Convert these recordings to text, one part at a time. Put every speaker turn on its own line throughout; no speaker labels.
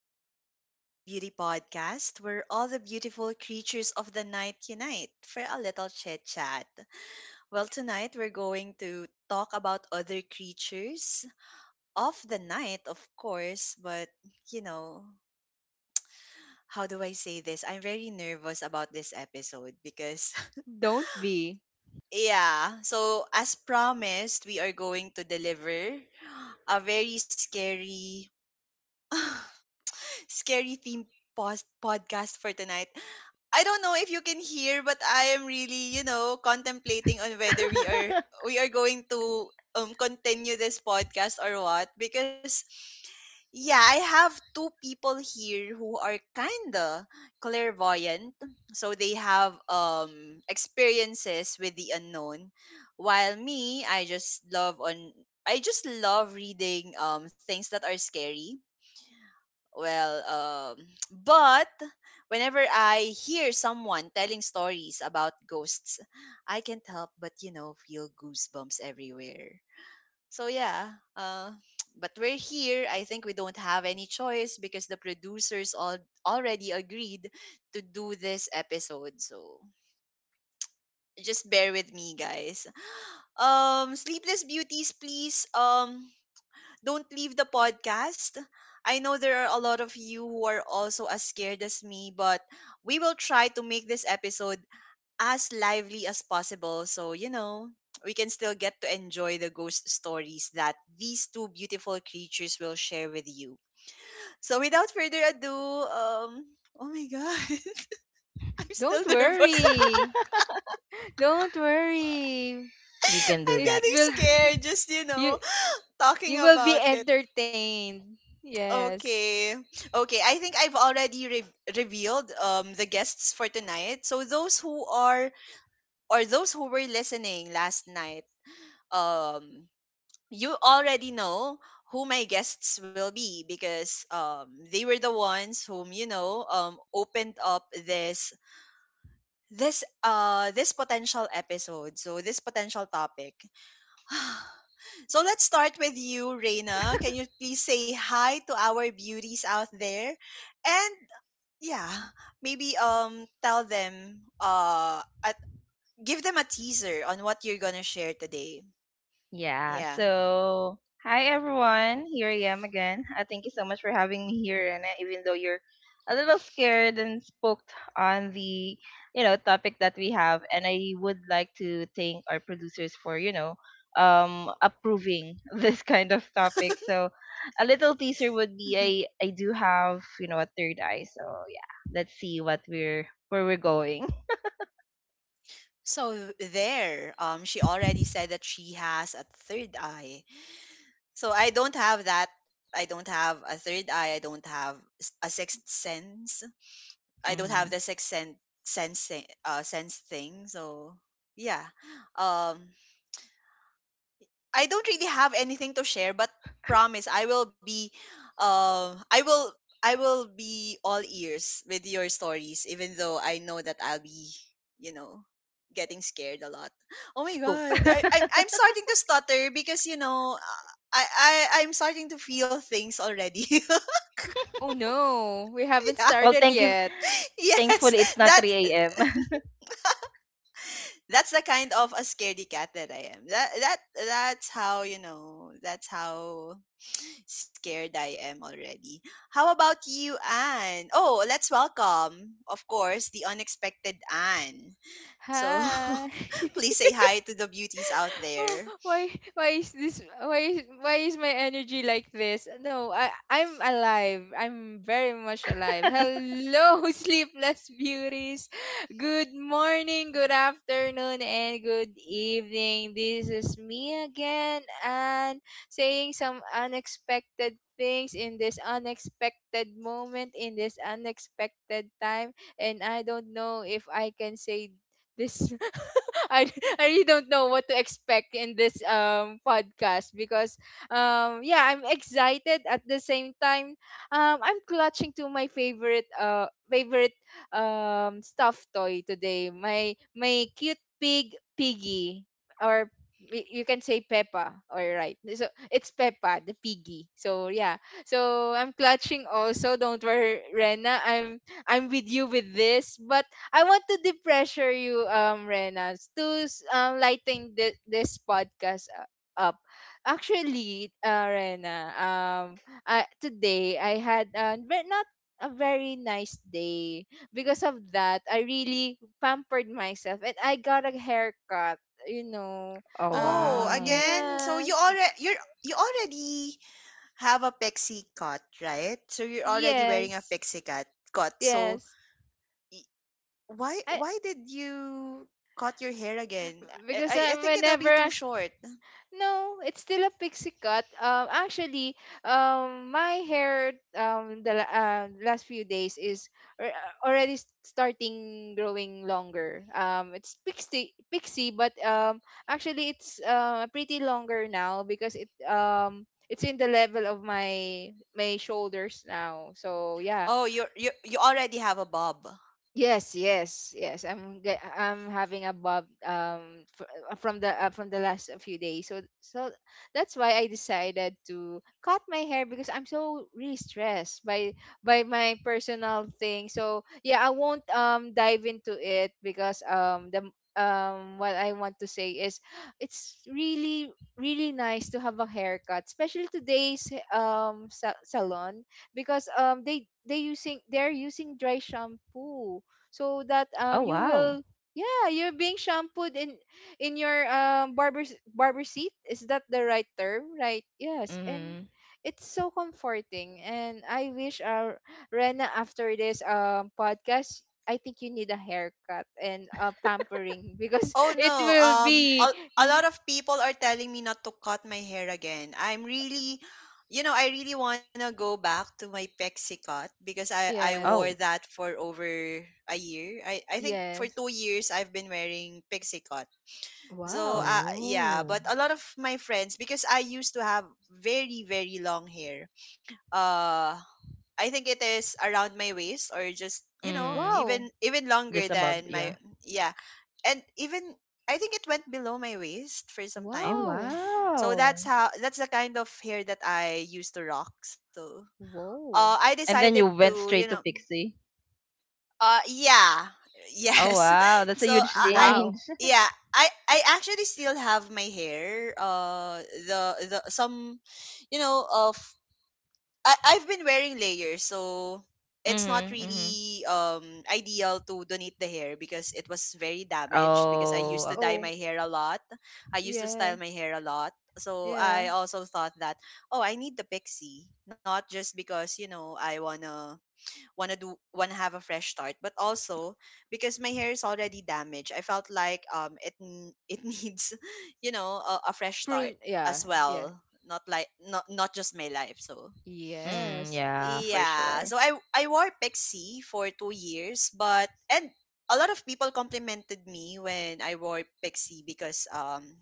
back to the Sleepless Beauty Podcast, where all the beautiful creatures of the night unite for a little chit chat. Well, tonight we're going to talk about other creatures of the night, of course, but you know, how do I say this? I'm very nervous about this episode because,
Don't be.
yeah, so as promised, we are going to deliver a very scary. scary theme post podcast for tonight. I don't know if you can hear, but I am really, you know, contemplating on whether we are we are going to continue this podcast or what. Because yeah, I have two people here who are kinda clairvoyant. So they have experiences with the unknown. While me, I just love reading things that are scary. well um but whenever I hear someone telling stories about ghosts, I can't help but, you know, feel goosebumps everywhere. So yeah. But we're here. I think we don't have any choice because the producers all already agreed to do this episode. So just bear with me, guys. Sleepless beauties, please, don't leave the podcast. I know there are a lot of you who are also as scared as me, but we will try to make this episode as lively as possible, so, you know, we can still get to enjoy the ghost stories that these two beautiful creatures will share with you. So, without further ado, oh my god, I'm still
Don't
nervous.
worry. Don't worry.
You can do
I'm
It
that.
getting
will
scared just, you
you
know, talking
you will be
about it.
entertained. Yes.
Okay. Okay. I think I've already revealed the guests for tonight. So those who are, or those who were listening last night, um you already know who my guests will be, because they were the ones whom, you know, opened up this potential episode. So this potential topic. So let's start with you, Reina. Can you please say hi to our beauties out there? And yeah, maybe tell them give them a teaser on what you're gonna share today.
Yeah,
Yeah.
so hi everyone. Here I am again. Thank you so much for having me here, and even though you're a little scared and spooked on the topic that we have, and I would like to thank our producers for approving this kind of topic. So a little teaser would be
Mhm.
I do have a third eye. So yeah, let's see what we're where we're going.
So there, she already said that she has a third eye. So I don't have that. I don't have a third eye. I don't have s- a sixth sense I don't have the sixth sense. Sense thing. So yeah. um I don't really have anything to share, but promise I will be, I will, I will be all ears with your stories, even though I know that I'll be, you know, getting scared a lot. Oh my
Spooked.
god. I'm starting to stutter because, you know, I, I I'm starting to feel things already.
Oh no, we haven't
Yeah.
Well,
started
thank you.
yet.
Yes.
Thankfully, it's not
That's
3 a.m.
that's the kind of a scaredy cat that I am. That's how, you know, that's how scared I am already. How about you, Anne? Oh, let's welcome, of course, the unexpected Anne. So
Hi.
please say hi to the beauties out there.
oh why is this why is my energy like this? No, I'm alive. I'm very much alive. Hello. Sleepless beauties, good morning, good afternoon, and good evening. This is me again, and saying some unexpected things in this unexpected moment in this unexpected time. And I don't know if I can say this. I, I really don't know what to expect in this podcast because yeah, I'm excited. At the same time, I'm clutching to my favorite favorite stuffed toy today, my cute pig piggy, or you can say Peppa. All right, so it's Peppa the piggy. So yeah, so I'm clutching also. Don't worry, Rena, I'm with you with this. But I want to depressure you, Renas, to lighten this podcast up. Actually, Rena, today I had not a very nice day. Because of that, I really pampered myself and I got a haircut. You know,
Oh,
Oh,
wow.
again, so you
yes,
already you're you already have a pixie cut, right? So you're already wearing a
yes,
pixie cut. Cut. So
yes.
y- why
I
did you cut your hair again? I think it'll be
whenever.
too short.
No, it's still a pixie cut. Actually, my hair the last few days is already starting growing longer. It's pixie, but actually it's pretty longer now because it's in the level of my my shoulders now. So yeah,
Oh, you already have a bob.
yes, yes, yes. I'm having a bob from the last few days. So that's why I decided to cut my hair because I'm so really stressed by my personal thing. So yeah, I won't dive into it because the what I want to say is it's really really nice to have a haircut, especially today's salon because they're using dry shampoo so that
Oh,
you
wow.
will, yeah, you're being shampooed in your barber seat. Is that the right term? Right, yes. And
Mm.
it's so comforting, and I wish our Rena after this podcast, I think you need a haircut and a pampering because
Oh
it
no,
will be
a lot of people are telling me not to cut my hair again. I'm really, you know, I really want to go back to my pexi cut because I wore
yes,
Oh.
that for over a year. I think for
yes,
2 years I've been wearing pixie cut. So
wow,
yeah,
Oh.
but a lot of my friends, because I used to have very very long hair. Uh I think it is around my waist or just, you know,
Mm.
wow,
even even longer
Just above,
than
yeah.
my. Yeah. And even I think it went below my waist for some
Oh,
time.
wow,
So
wow.
that's how, that's the kind of hair that I used to rock. So
whoa,
I
And
decided
then you went
to, you
straight
know,
to Pixie.
yeah,
Oh,
yes.
wow. That's a
so
huge
I
wow,
change.
Yeah. I actually still have my hair, the the some you know of I I've been wearing layers, so it's not
Mm-hmm, mm-hmm.
really ideal to donate the hair because it was very damaged, because I
Oh,
used to dye
oh,
my
okay.
hair a lot. I used to style
yeah,
my hair a lot. So
yeah,
I also thought that, oh, I need the pixie, not just because, you know, I wanna have a fresh start, but also because my hair is already damaged. I felt like it needs, you know, a fresh start
prune, yeah,
as
yeah,
well. Not like not Not just my life. So
Mm,
yes,
yeah, for
yeah. So
sure.
I wore Pixie for 2 years, but, and a lot of people complimented me when I wore Pixie because,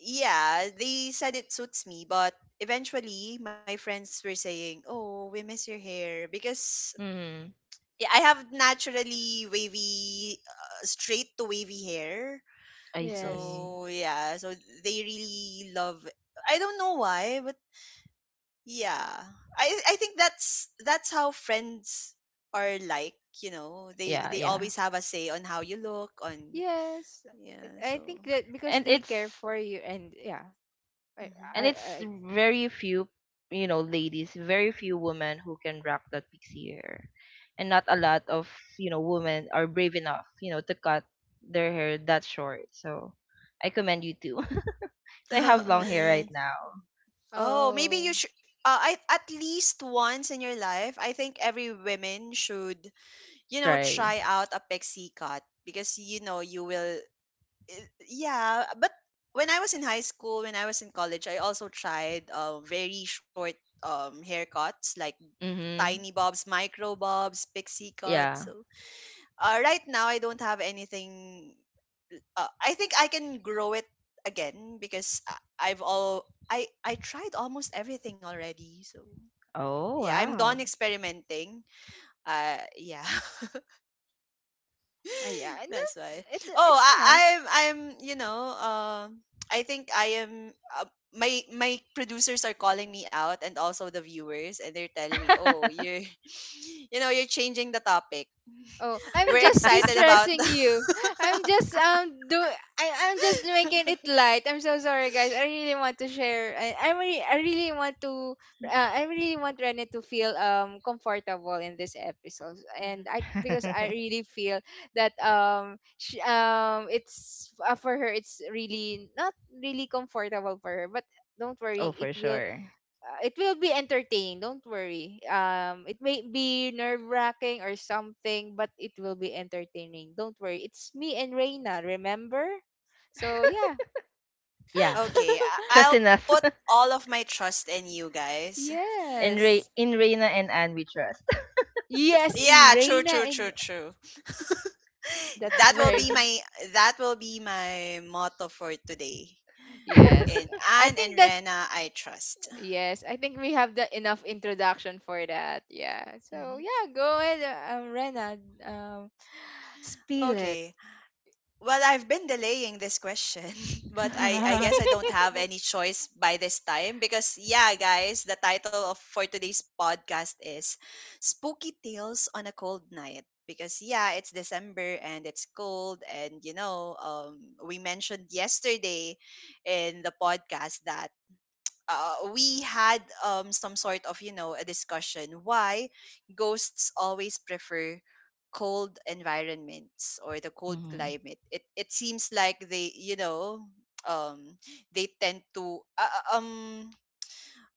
yeah, they said it suits me, but eventually my friends were saying, "Oh, we miss your hair," because
Mm,
yeah, I have naturally wavy, straight to wavy hair.
I
yes,
see.
So yeah, so they really love, I don't know why, but yeah. I think that's how friends are, like, you know.
Yeah,
They
yeah.
always have a say on how you look, on
yes.
yeah,
I think
so
that because
And
they care
it's
for you. And yeah, i
mhm.
and it's
I
very few ladies, very few women who can rock that pixie hair, and not a lot of women are brave enough to cut their hair that short, so I commend you too. So I have long hair right
yes.
now.
Oh, maybe
Oh,
you should, I, at least once in your life, I think every woman should, you know,
Try.
try out a pixie cut because, you know, you will, yeah, but when I was in high school, when I was in college, I also tried very short haircuts like tiny
Mm-hmm.
bobs, micro bobs, pixie cuts.
Yeah.
So right now I don't have anything. I think I can grow it again because I tried almost everything already. So
Oh,
yeah, I'm done
wow.
experimenting. Yeah,
yeah,
that's
no,
why. Oh,
it's
I,
nice.
I'm, you know, I think I am. Uh, my my producers are calling me out, and also the viewers, and they're telling me, oh, you're, you know, you're changing the topic.
Oh, I'm
We're
just
excited about
distressing you. I'm just um do I'm just making it light. I'm so sorry, guys. I really want to share. I really want to, I really want Rene to feel comfortable in this episode, and
Mhm.
I because I really feel that it's for her it's really not really comfortable for her. But don't
Oh,
worry,
for
it will,
sure.
it will be entertaining. Don't worry. It may be nerve wracking or something, but it will be entertaining. Don't worry. It's me and Reina. Remember? So yeah.
Yeah.
Okay,
Trust
I'll
in us.
put all of my trust in you guys.
in Re-
yes.
in reina and Anne we trust.
Yes, in
Yeah, true,
Reina,
true,
and
true, true.
that's
That will
very
be
g-
my that will be my motto for today.
yes.
In
I
Anne and
think that
Rena, I trust.
yes, I think we have the enough introduction for that. Yeah. So
Mhm.
yeah, go ahead, Rena. Um, spill it.
Okay. Well, I've been delaying this question, but I guess I don't have any choice by this time because, yeah, guys, the title of for today's podcast is Spooky Tales on a Cold Night. Because, yeah, it's December and it's cold. And, you know, we mentioned yesterday in the podcast that we had some sort of, you know, a discussion why ghosts always prefer cold environments, or the cold
Mm,
climate. It seems like they, you know, um they tend to,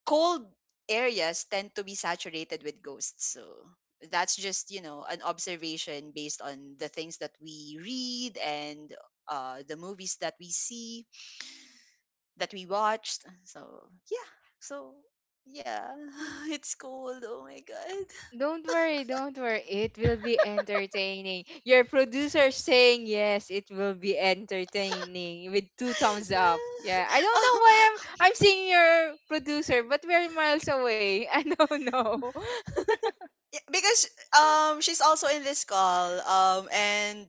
cold areas tend to be saturated with ghosts. So that's just, you know, an observation based on the things that we read, and the movies that we see that we watched. So yeah, so yeah, it's cold. Oh my god.
Don't worry, don't worry. It will be entertaining. Your producer saying yes, it will be entertaining with two thumbs up. Yeah, I don't know
Oh,
why I'm seeing your producer, but we're miles away. I don't know.
yeah, because she's also in this call, and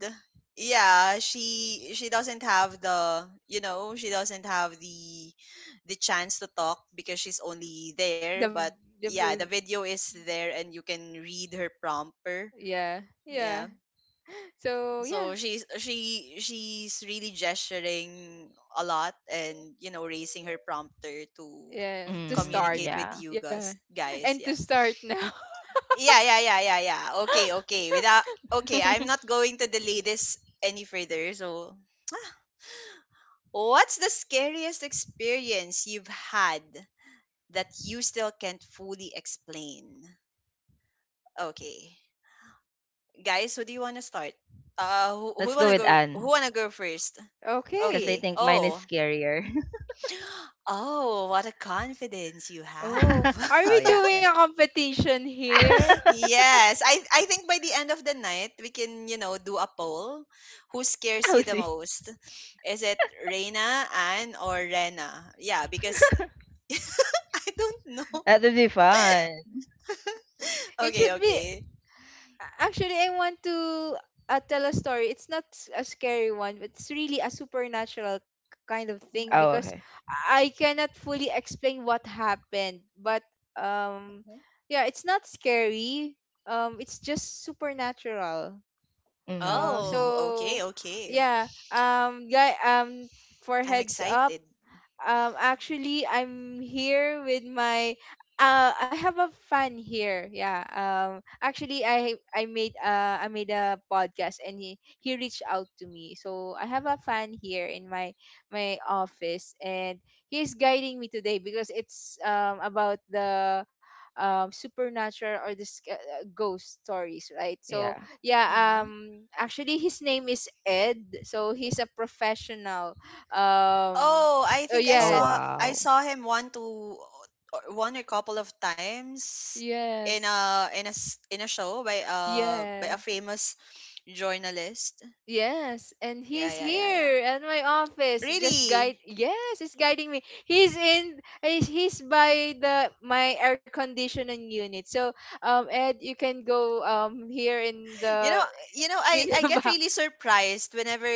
yeah, she doesn't have the, you know, she doesn't have the chance to talk because she's only there.
The
But
the
yeah, the
pro-
video is there and you can read her prompter.
yeah, yeah.
Yeah,
So yeah,
so she's really gesturing a lot, and, you know, raising her prompter to
yeah, to
mm,
start,
communicate with
yeah.
you
yeah.
guys. Guys,
And to
yeah,
start now.
yeah, yeah, yeah, yeah, yeah. Okay, okay, without okay, I'm not going to delay this any further. So, what's the scariest experience you've had that you still can't fully explain? Okay, guys, who do you want to start?
Let's go with
Who
Anne,
want to go first?
because I
Okay.
Okay.
think mine is
Oh.
scarier.
Oh, what a confidence you
Oh,
have.
are
Oh,
we
yeah,
doing a competition here?
yeah.
Yes, I think by the end of the night we can, you know, do a poll. Who scares
Oh,
you the
see,
most? Is it Reina, Anne, or Rena? Yeah, because I don't know.
that would be fun.
It
Okay,
should be
okay.
Actually, I want to tell a story. It's not a scary one, but it's really a supernatural kind of thing
Hmm.
Oh,
because
okay.
I cannot fully explain what happened. But um,
Hmm.
yeah, it's not scary. It's just supernatural.
Mm-hmm, mm-hmm.
Oh, okay,
So
okay.
yeah. Guy. For
I'm
heads up.
excited.
Actually, I'm here with my, I have a fan here. Yeah. Um, actually, I made a podcast and he reached out to me. So I have a fan here in my my office, and he's guiding me today because it's about the supernatural or the ghost stories, right? So
Yeah.
yeah.
Mm-hmm.
Um, actually, his name is Ed. So he's a professional. Um,
Oh, I
oh
think
Oh,
yes,
I
wow.
saw him one to, or one or couple of times, in
yes,
a in a show by
yeah,
a famous journalist.
yes. And
Yeah,
he's
yeah, yeah, yeah.
here at my office, just
Really?
guide. Yes, he's guiding me. He's in. He's he's by the my air conditioning unit. So Ed, you can go here
You know, you know,
in
I
the
get
back.
really surprised whenever,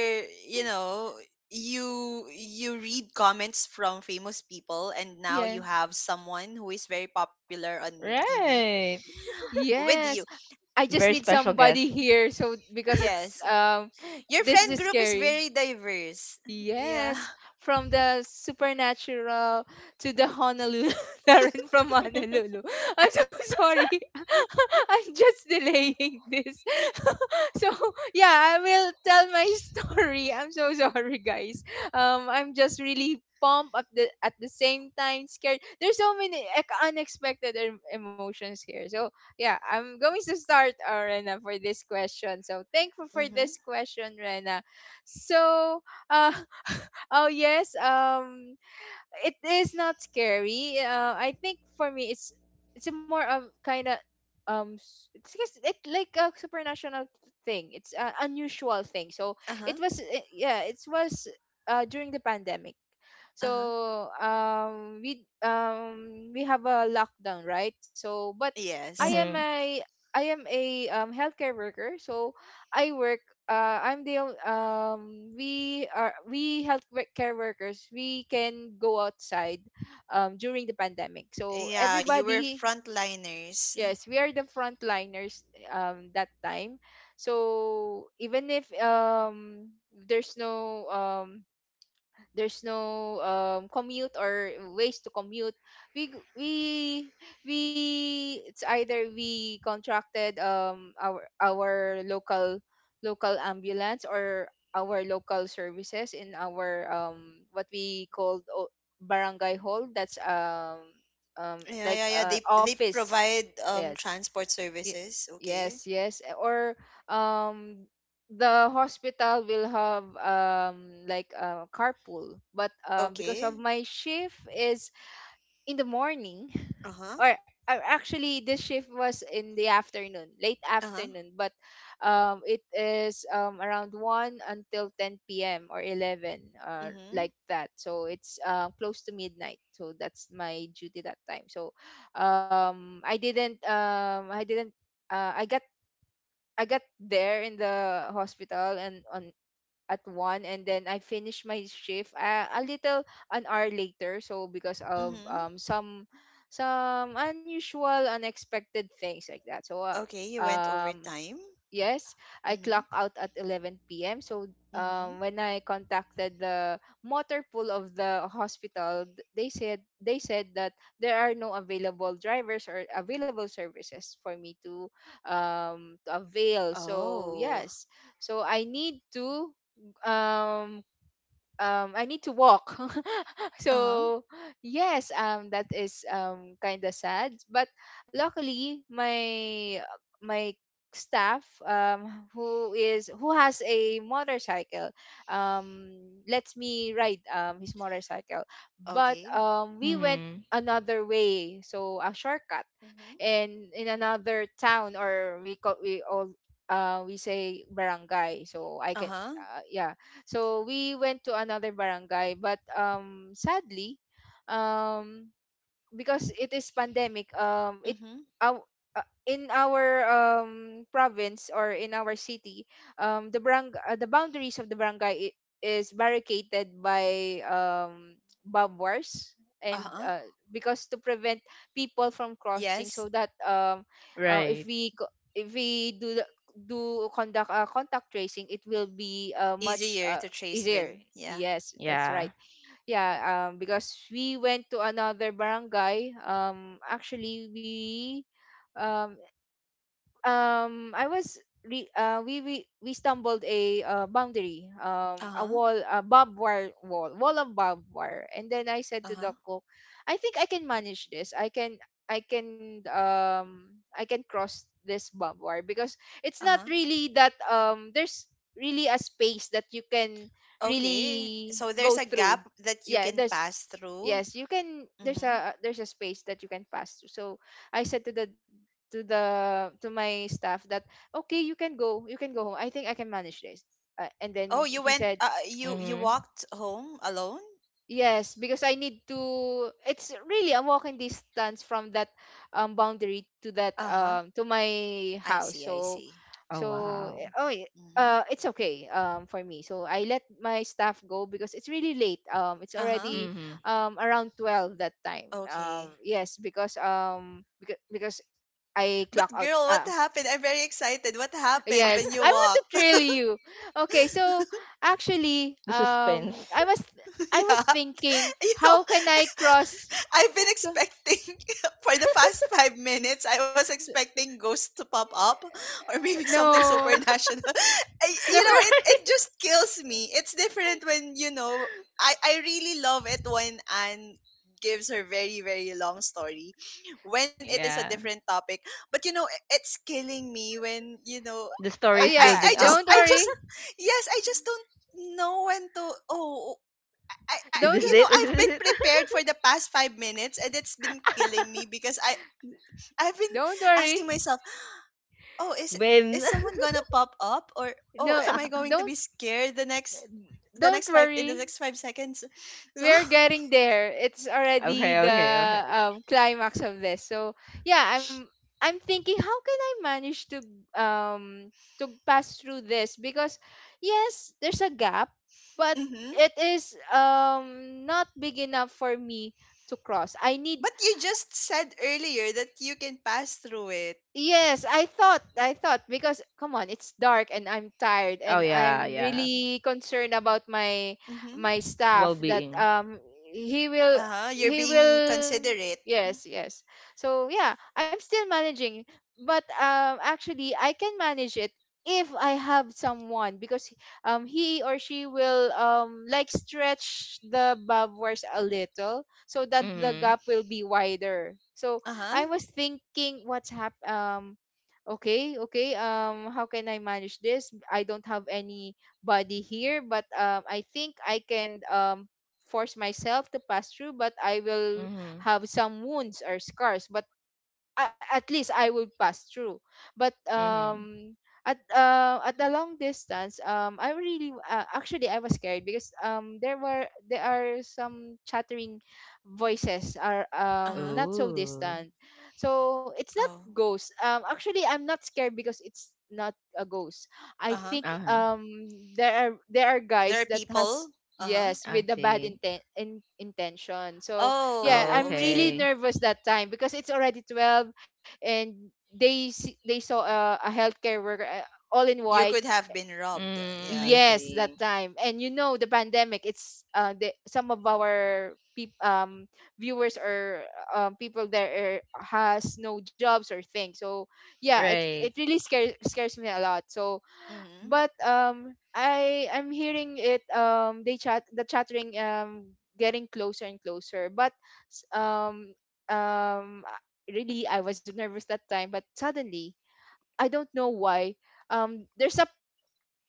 you know, you read comments from famous people, and now
Yeah.
you have someone who is very popular on TV
Right.
with you.
Yes. I just
Very
need
special guest.
somebody here. So because it's
Yes. Your
this
friend
is
group is
scary.
very diverse. Yeah.
Yes, from the supernatural to the Honolulu, Darren from Honolulu. I'm so sorry. I'm just delaying this. So yeah, I will tell my story. I'm so sorry, guys. I'm just really pumped at the same time scared. There's so many like unexpected emotions here. So yeah, I'm going to start, Rena, for this question. So thankful for
Mhm.
this question, Rena. So. uh. Oh yes, it is not scary. I think for me it's a more of kind of it's just- it like a supernatural thing. It's an unusual thing. So
Uh-huh.
it was yeah, it was during the pandemic.
Uh-huh.
So we have a lockdown, right? So but
Yes.
i am
Hmm.
a I am a healthcare worker. So I work, we are, we healthcare workers, we can go outside during the pandemic. So
Yeah, you were
everybody,
frontliners.
yes, we are the frontliners that time. So even if there's no um there's no commute or ways to commute, we g- we it's either we contracted our local local ambulance or our local services in our what we called barangay hall. That's
Yeah,
like
yeah, yeah. They
office,
provide
yes.
transport
Ye-
services. Okay.
Yes, yes. Or um the hospital will have like a carpool. But because of
Okay.
my shift is in the morning,
Uh-huh.
or actually this shift was in the afternoon, late
Uh-huh.
afternoon, but it is around 1 until 10 p.m. or 11 like
Mhm.
that. So it's, close to midnight. So that's my duty that time. So I didn't, uh, I got I got there in the hospital and on at one, and then I finished my shift a little an hour later. So because of
Mhm.
some unusual, unexpected things like that. So
Okay, you went
um,
overtime.
yes, I clock
Mhm.
out at 11 p.m. So
Mhm.
when I contacted the motor pool of the hospital, they said that there are no available drivers or available services for me to avail. So
Oh.
yes, so um I need to walk.
Uh-huh.
So yes, that is kind of sad. But luckily my my staff who has a motorcycle um lets me ride his motorcycle. But
Okay.
we went
Hmm.
another way, so a shortcut,
Mhm.
and in another town, or we call we all we say barangay, so I can,
Uh-huh.
yeah. So we went to another barangay. But sadly, um because it is pandemic, it
Mhm.
our in our province or in our city, the boundaries of the barangay is barricaded by barbed wires. And
Uh-huh.
because to prevent people from crossing, so
Yes.
that if
Right.
we if we do conduct, contact tracing, it will be, much,
Easier to trace
easier.
them. Yeah.
Yes, that's
Yeah.
right. Yeah, because we went to another barangay, actually we um um i was we stumbled a, boundary,
Uh-huh.
a barbed wire wall, wall of barbed wire. And then I said to the
Uh-huh.
cook, I think I can manage this. I can cross this barbed wire because it's not
Uh-huh.
really that there's really a space that you can
Okay.
really
So there's
go
a
through.
gap that you
Yeah
can
there's
pass through.
Yes, you can, there's
Mm-hmm.
a, there's a space that you can pass to. So I said to the to the to my staff that okay, you can go, you can go home, I think I can manage this. Uh, and then
Oh, you
he
went,
said
you you
Hmm.
walked home alone?
yes, because I need to. It's really a walking distance from that boundary to that
Uh-huh.
to my
I
house.
see, I
So,
see.
Oh,
so
wow.
Mm-hmm.
it's okay for me. So I let my staff go because it's really late. It's
Uh-huh.
already
Hmm.
around 12 that time.
Okay.
Yes, because because I clock
But
out.
girl, what happened? I'm very excited. What happened
Yes,
when you
I want to
walked?
thrill you. Okay, so actually,
The suspense.
I was
Yeah.
thinking,
You know,
how can I cross?
I've been
So,
expecting for the past 5 minutes. I was
so
expecting ghosts to pop up, or maybe something
no,
supernatural. I, you
no,
know, it,
Right.
it just kills me. It's different when I really love it when Anne gives her very, very long story when it is a
Yeah.
different topic. But, it's killing me when, you know,
The story
I,
is
I,
yeah,
I
building
just,
up.
don't
I just,
worry,
yes, I just don't know when to. Oh, I, I
Is this
you know
don't
it? Is
I've
this
been
it?
prepared for the past 5 minutes, and it's been killing me because I've been
don't
asking myself,
worry,
oh, is
When?
someone gonna pop up? Or oh,
no,
am I going to
don't
be scared the
don't
next five in the
worry.
next 5 seconds? So
We're getting there. It's already
Okay.
the
Okay.
climax of this. So yeah, I'm thinking how can I manage um to pass through this, because yes, there's a gap, but
hmm.
it is not big enough for me to cross. I need.
But you just said earlier that you can pass through it.
Yes, I thought because come on, it's dark and I'm tired
Oh,
and
yeah,
I'm
yeah.
really concerned about my
Mm-hmm.
my staff, that
Well-being.
he will
Uh-huh, you're
he
being
will
considerate.
yes, yes. So yeah, I'm still managing, but actually I can manage it if I have someone, because he or she will like stretch the barbed wires a little so that the
Mm-hmm.
Mm-hmm.
gap will be wider. So I
Uh-huh.
was thinking, what's hap okay, okay, how can I manage this? I don't have anybody here, but I think I can force myself to pass through, but I will
Mm-hmm.
have some wounds or scars. But at least I will pass through. But
Mm-hmm.
at the long distance, I really actually I was scared because there are some chattering voices are
Uh-huh.
not so
Oh.
distant. So it's not
Oh.
ghost. Actually I'm not scared because it's not a ghost. I
Uh-huh.
think
Uh-huh.
there are
There are
guys that
people.
has,
Uh-huh.
yes,
I
with a bad
see.
intention. So yeah,
Oh,
I'm really
okay.
Okay.
nervous that time because it's already 12 and they saw a healthcare worker, all in
You
white.
could have been robbed.
Mm, I
Yeah.
Yes,
see.
that time. And you know the pandemic, it's some of our viewers or people there are, has no jobs or things. So yeah, it
Right.
really scares me a lot. So
Mm-hmm.
but I'm hearing it, they chat the chattering getting closer and closer, but s- um um I- really I was nervous that time, but suddenly I don't know why there's a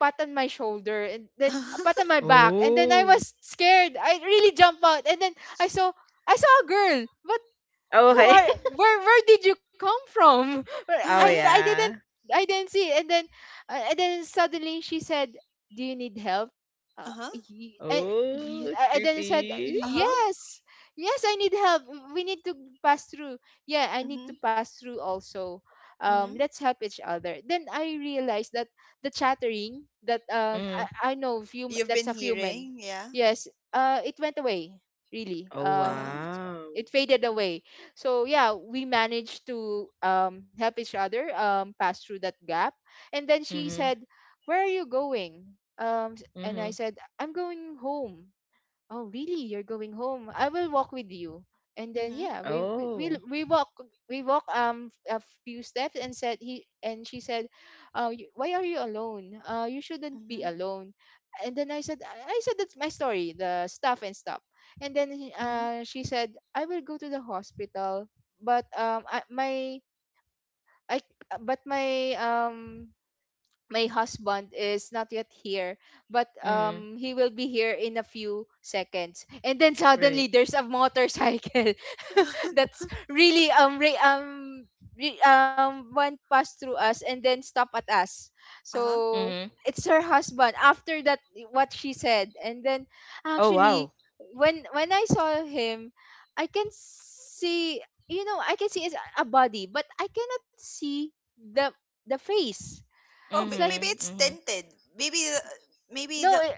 pat on my shoulder and then a pat on my back, and then I
Oh.
was scared, I really jumped out. And then I saw, I saw a girl. But
Oh,
who
uh,
okay.
are, where did you come from? i
Oh,
uh-huh.
i didn't
yeah.
I didn't see. And then and then suddenly she said, "Do you need help?" uh,
Uh-huh.
y- and,
Oh,
y-
it's
and then I said,
creepy.
Uh-huh.
"Yes, yes I need help, we need to pass through, yeah I need
Mm-hmm.
to pass through also,
Mm-hmm.
let's help each other." Then I realized that the chattering that
Mm.
I know few
You've
that's
been
a few men,
hearing, yeah.
yes, it went away, really,
Oh,
Uh-huh.
wow.
it faded away. So yeah, we managed to, help each other, pass through that gap. And then she
Mm-hmm.
said, "Where are you going?" And I
Mm-hmm.
said, "I'm going home." "Oh really, you're going home, I will walk with you." And then
Mm-hmm.
yeah, we we we,
Oh.
we walk we walk a few steps and said he and she said, "You, why are you alone, you shouldn't be
Mm-hmm.
alone?" And then I said, I said, "That's my story, the stuff and stuff." And then she said, "I will go to the hospital, but I, my I but my my husband is not yet here, but
Mm-hmm.
he will be here in a few seconds." And then
Right.
suddenly there's a motorcycle.
Mm-hmm.
That's really, went past through us and then stop at us.
uh-huh.
So
Mm-hmm.
it's her husband, after that what she said. And then
Oh,
actually,
wow.
when I saw him, I can see, you know, I can see a body, but I cannot see the the face.
Oh,
It's
but
like,
maybe
Mm-hmm.
it's
Mm-hmm.
tinted. Maybe the, maybe
no,
the
it,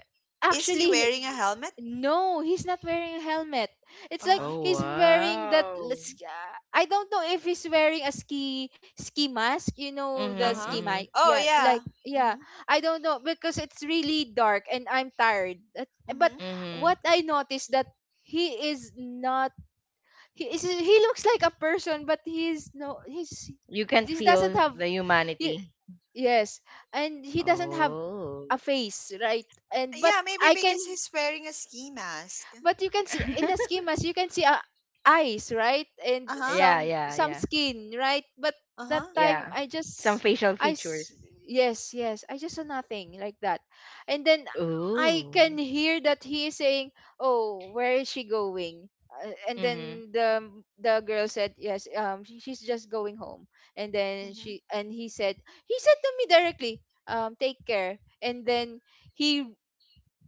is he
actually, he-
wearing a
d-
helmet?
no, he's not wearing a helmet. It's like
Uh-huh.
Oh,
he's wearing that.
wow.
I don't know if he's wearing a ski mask. You know the
Uh-huh.
ski
Mm-hmm.
mask.
Oh,
Yeah,
yeah.
like,
Mm-hmm.
yeah. I don't know because it's really dark and I'm tired. But
Mm-hmm.
Mm-hmm.
what I noticed, that he is not. He is. He looks like a person, but he's no. He's.
You can
He doesn't
feel
have.
the
You,
humanity.
Yes, and he doesn't have
Oh.
a face, right? And But
Yeah, maybe
I can
because he's wearing a ski mask.
but you can see, in a schemas you can see, eyes right, and
Uh-huh.
Yeah,
some
yeah, yeah.
some skin right. But
Uh-huh.
that time
Yeah.
I
Some
just
facial
I
features.
s- yes, yes, I just saw nothing like that. And then I
Ooh.
can hear that he is saying, "Oh, where is she going?" And
Mm-hmm.
then the girl said, "Yes, she's just going home." And then
Mm-hmm.
she and he said, he said to me directly, "Take care." And then he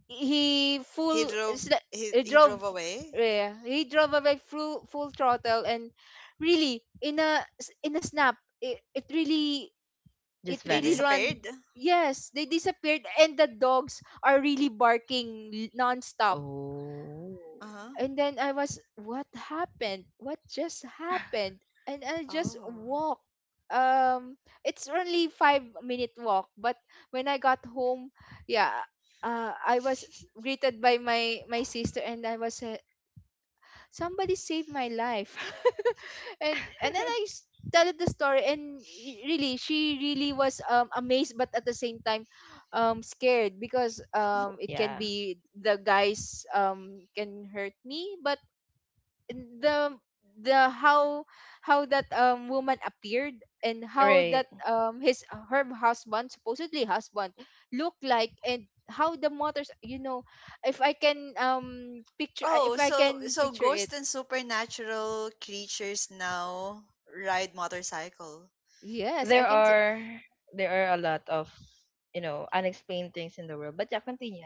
he
He
full
drove
sli-
he,
he
he
drove,
drove away.
yeah, he drove away full full throttle. And really in in a snap, it, it really it
Just
They
really
vanish.
disappeared.
run. Yes they disappeared, and the dogs are really barking nonstop.
Oh.
Uh-huh.
And then I was, what happened? What just happened? And I just
Oh.
walk. Um, it's only 5-minute walk. But when I got home, yeah, I was greeted by my sister, and I was, somebody saved my life, and then tell it the story. And really, she really was amazed, but at the same time, scared because it can
Yeah.
be the guys can hurt me. But the the how, that woman appeared, and how
Right.
that his her husband, supposedly husband, looked like, and how the mothers, you know, if I can picture,
Oh,
if I
so
can
so
picture it.
ghosts and supernatural creatures now ride motorcycle.
Yes I
There
can,
are there are a lot of unexplained things in the world. But yeah, continue.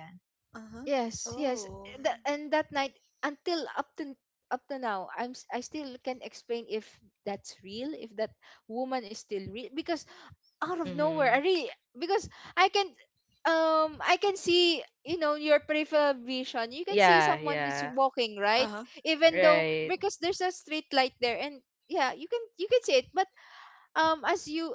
Uh-huh.
yes, yes,
Oh.
that, and that night, until up to now I still can explain if that's real, if that woman is still real, because out of nowhere.
Mm-hmm.
I really, because I can, I can see, you know, your peripheral vision. You can see
Yeah,
someone is
yeah.
walking, right,
Uh-huh.
even though
Right.
because there's a street light there. And yeah, you can see it. But as you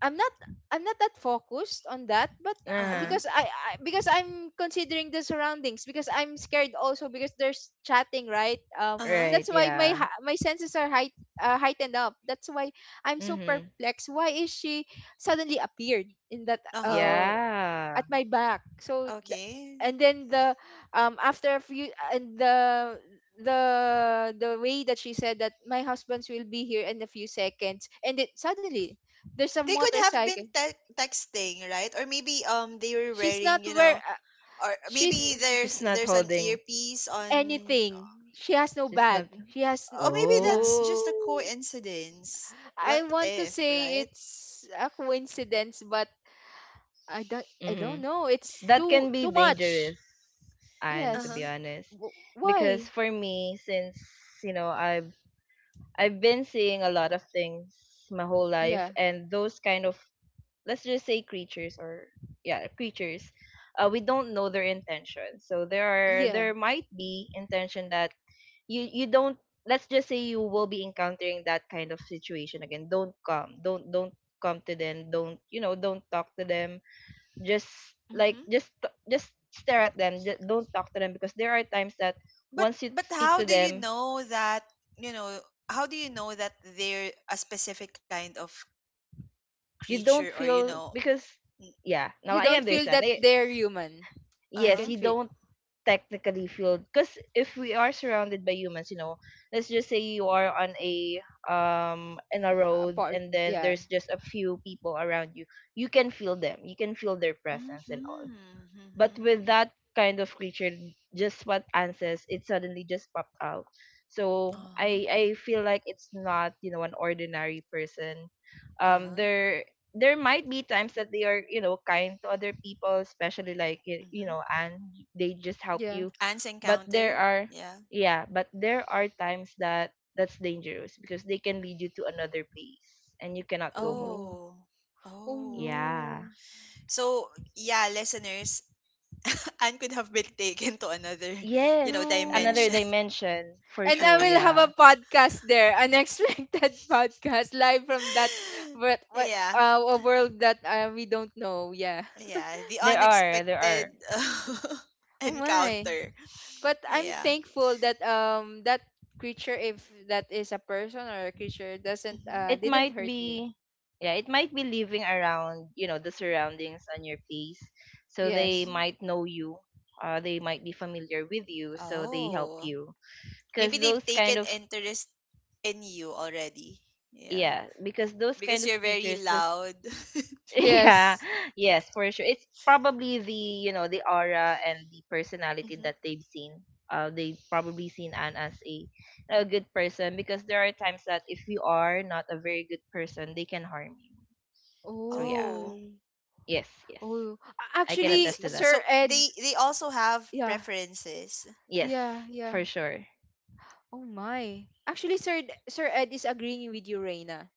I'm not I'm not that focused on that. But
Uh-huh.
Uh-huh.
because I because I'm considering the surroundings, because I'm scared also because there's chatting, right.
Uh-huh.
Right,
That's why
yeah.
my senses are heightened up. That's why I'm so
Mm-hmm.
perplexed. Why is she suddenly appeared in that?
Uh-huh.
Yeah.
At my back.
Okay.
And then the after a few, and the way that she said that my husband's will be here in a few seconds and then suddenly there's a
They could have been
motorcycle.
texting, right? Or maybe they were
She's not
wearing, you
where
know, or
she's
maybe there's
She's not
an
holding.
earpiece on.
anything. She has no
She's
bag.
not.
She has n-
Or maybe
yeah.
that's just a
Oh.
coincidence. What
I want
if,
to
right?
say it's a coincidence, but I don't
Mhm.
know. It's
That
too
can be
too much.
dangerous. And to be
Uh-huh.
Yes.
honest, because
Why?
for me, since you know, I've I've been seeing a lot of things my whole life,
Yeah.
and those kind of, let's just say creatures, or yeah, creatures, we don't know their intention. So
Yeah.
there might be intention that you don't. Let's just say you will be encountering that kind of situation again, don't come to them, don't you know don't talk to them. Just, like, just stare at them. Don't talk to them, because there are times that
But
once you
but
speak
how
to
do you
them,
know that, you know how do you know that they're a specific kind of
you
creature,
don't
or you
feel
know.
because yeah, now
You
I
don't feel
understand.
that they're human.
Uh
I
Yes,
huh
can
you
feel
don't technically feel, because if we are surrounded by humans, you know, let's just say you are on a in a road
apart.
and then
Yeah.
there's just a few people around you, you can feel them, you can feel their presence and all.
mm-hmm.
But with
Mm-hmm.
that kind of creature, just what Anne says, it suddenly just popped out.
uh
So
huh
I feel like it's not an ordinary person.
uh huh
Um, there there might be times that they are kind to other people, especially like
mm-hmm.
and they just help
Yeah.
you.
Ants
But
encounter.
there are
Yeah.
Yeah, but there are times that that's dangerous, because they can lead you to another place and you cannot
Oh
go home.
Oh.
no. Oh
Oh.
Yeah.
no.
So yeah, listeners, Anne could have been taken to another you know
Yes, another
No.
dimension.
dimension for
And I
sure.
will have a
Yeah.
podcast there, an unexpected podcast live from that, what
Yeah.
a world that we don't know. Yeah.
Yeah, the
There are, there
unexpected
are.
Oh my.
encounter.
But I'm
Yeah.
thankful that creature, if that is a person or a creature, doesn't
Mhm.
It
didn't
might
hurt me.
be, yeah, it might be living around, you know, the surroundings on your place. So they
Yes.
Mhm.
might know you. They might be familiar with you, so they help
Oh,
you. Because
maybe they've
those kind
taken
of,
interest in you already. Yeah,
Yeah, because those
because
kind of
you're very
creatures, this,
loud.
yeah,
Yes.
yes, for sure. It's probably the aura and the personality
Hmm.
that they've seen. They probably seen Anne as a good person, because there are times that if you are not a very good person, they can harm you. So yeah.
Oh,
Oh.
Yes, yes.
Oh,
I can
I
actually,
attest to
see.
that.
Sir
So
Ed,
they also have
yeah,
preferences.
yeah,
Yes,
yeah.
for sure.
Oh my. Actually, Sir Ed is agreeing with you, Reina.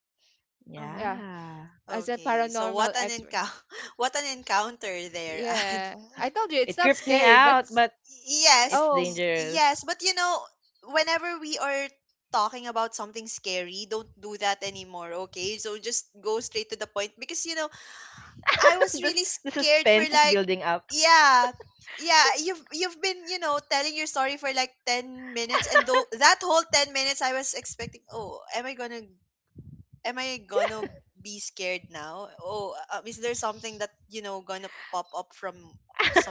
Uh huh.
Yeah,
Yeah.
as a
Okay. So what
paranormal
an
expert.
encounter! What an encounter there. And
Yeah, I told you it's
It
not
creeped me
scary, but
out, but
yes,
it's
oh,
dangerous.
yes. But you know, whenever we are talking about something scary, don't do that anymore. Okay. So just go straight to the point because you know I was
this
really
The
scared for
suspense is
like,
building up.
yeah. Yeah, you've been, you know, telling your story for like 10 minutes, and though that whole 10 minutes I was expecting, "Oh, am I going to am I going to be scared now? Oh, is there something that, you know, going to pop up from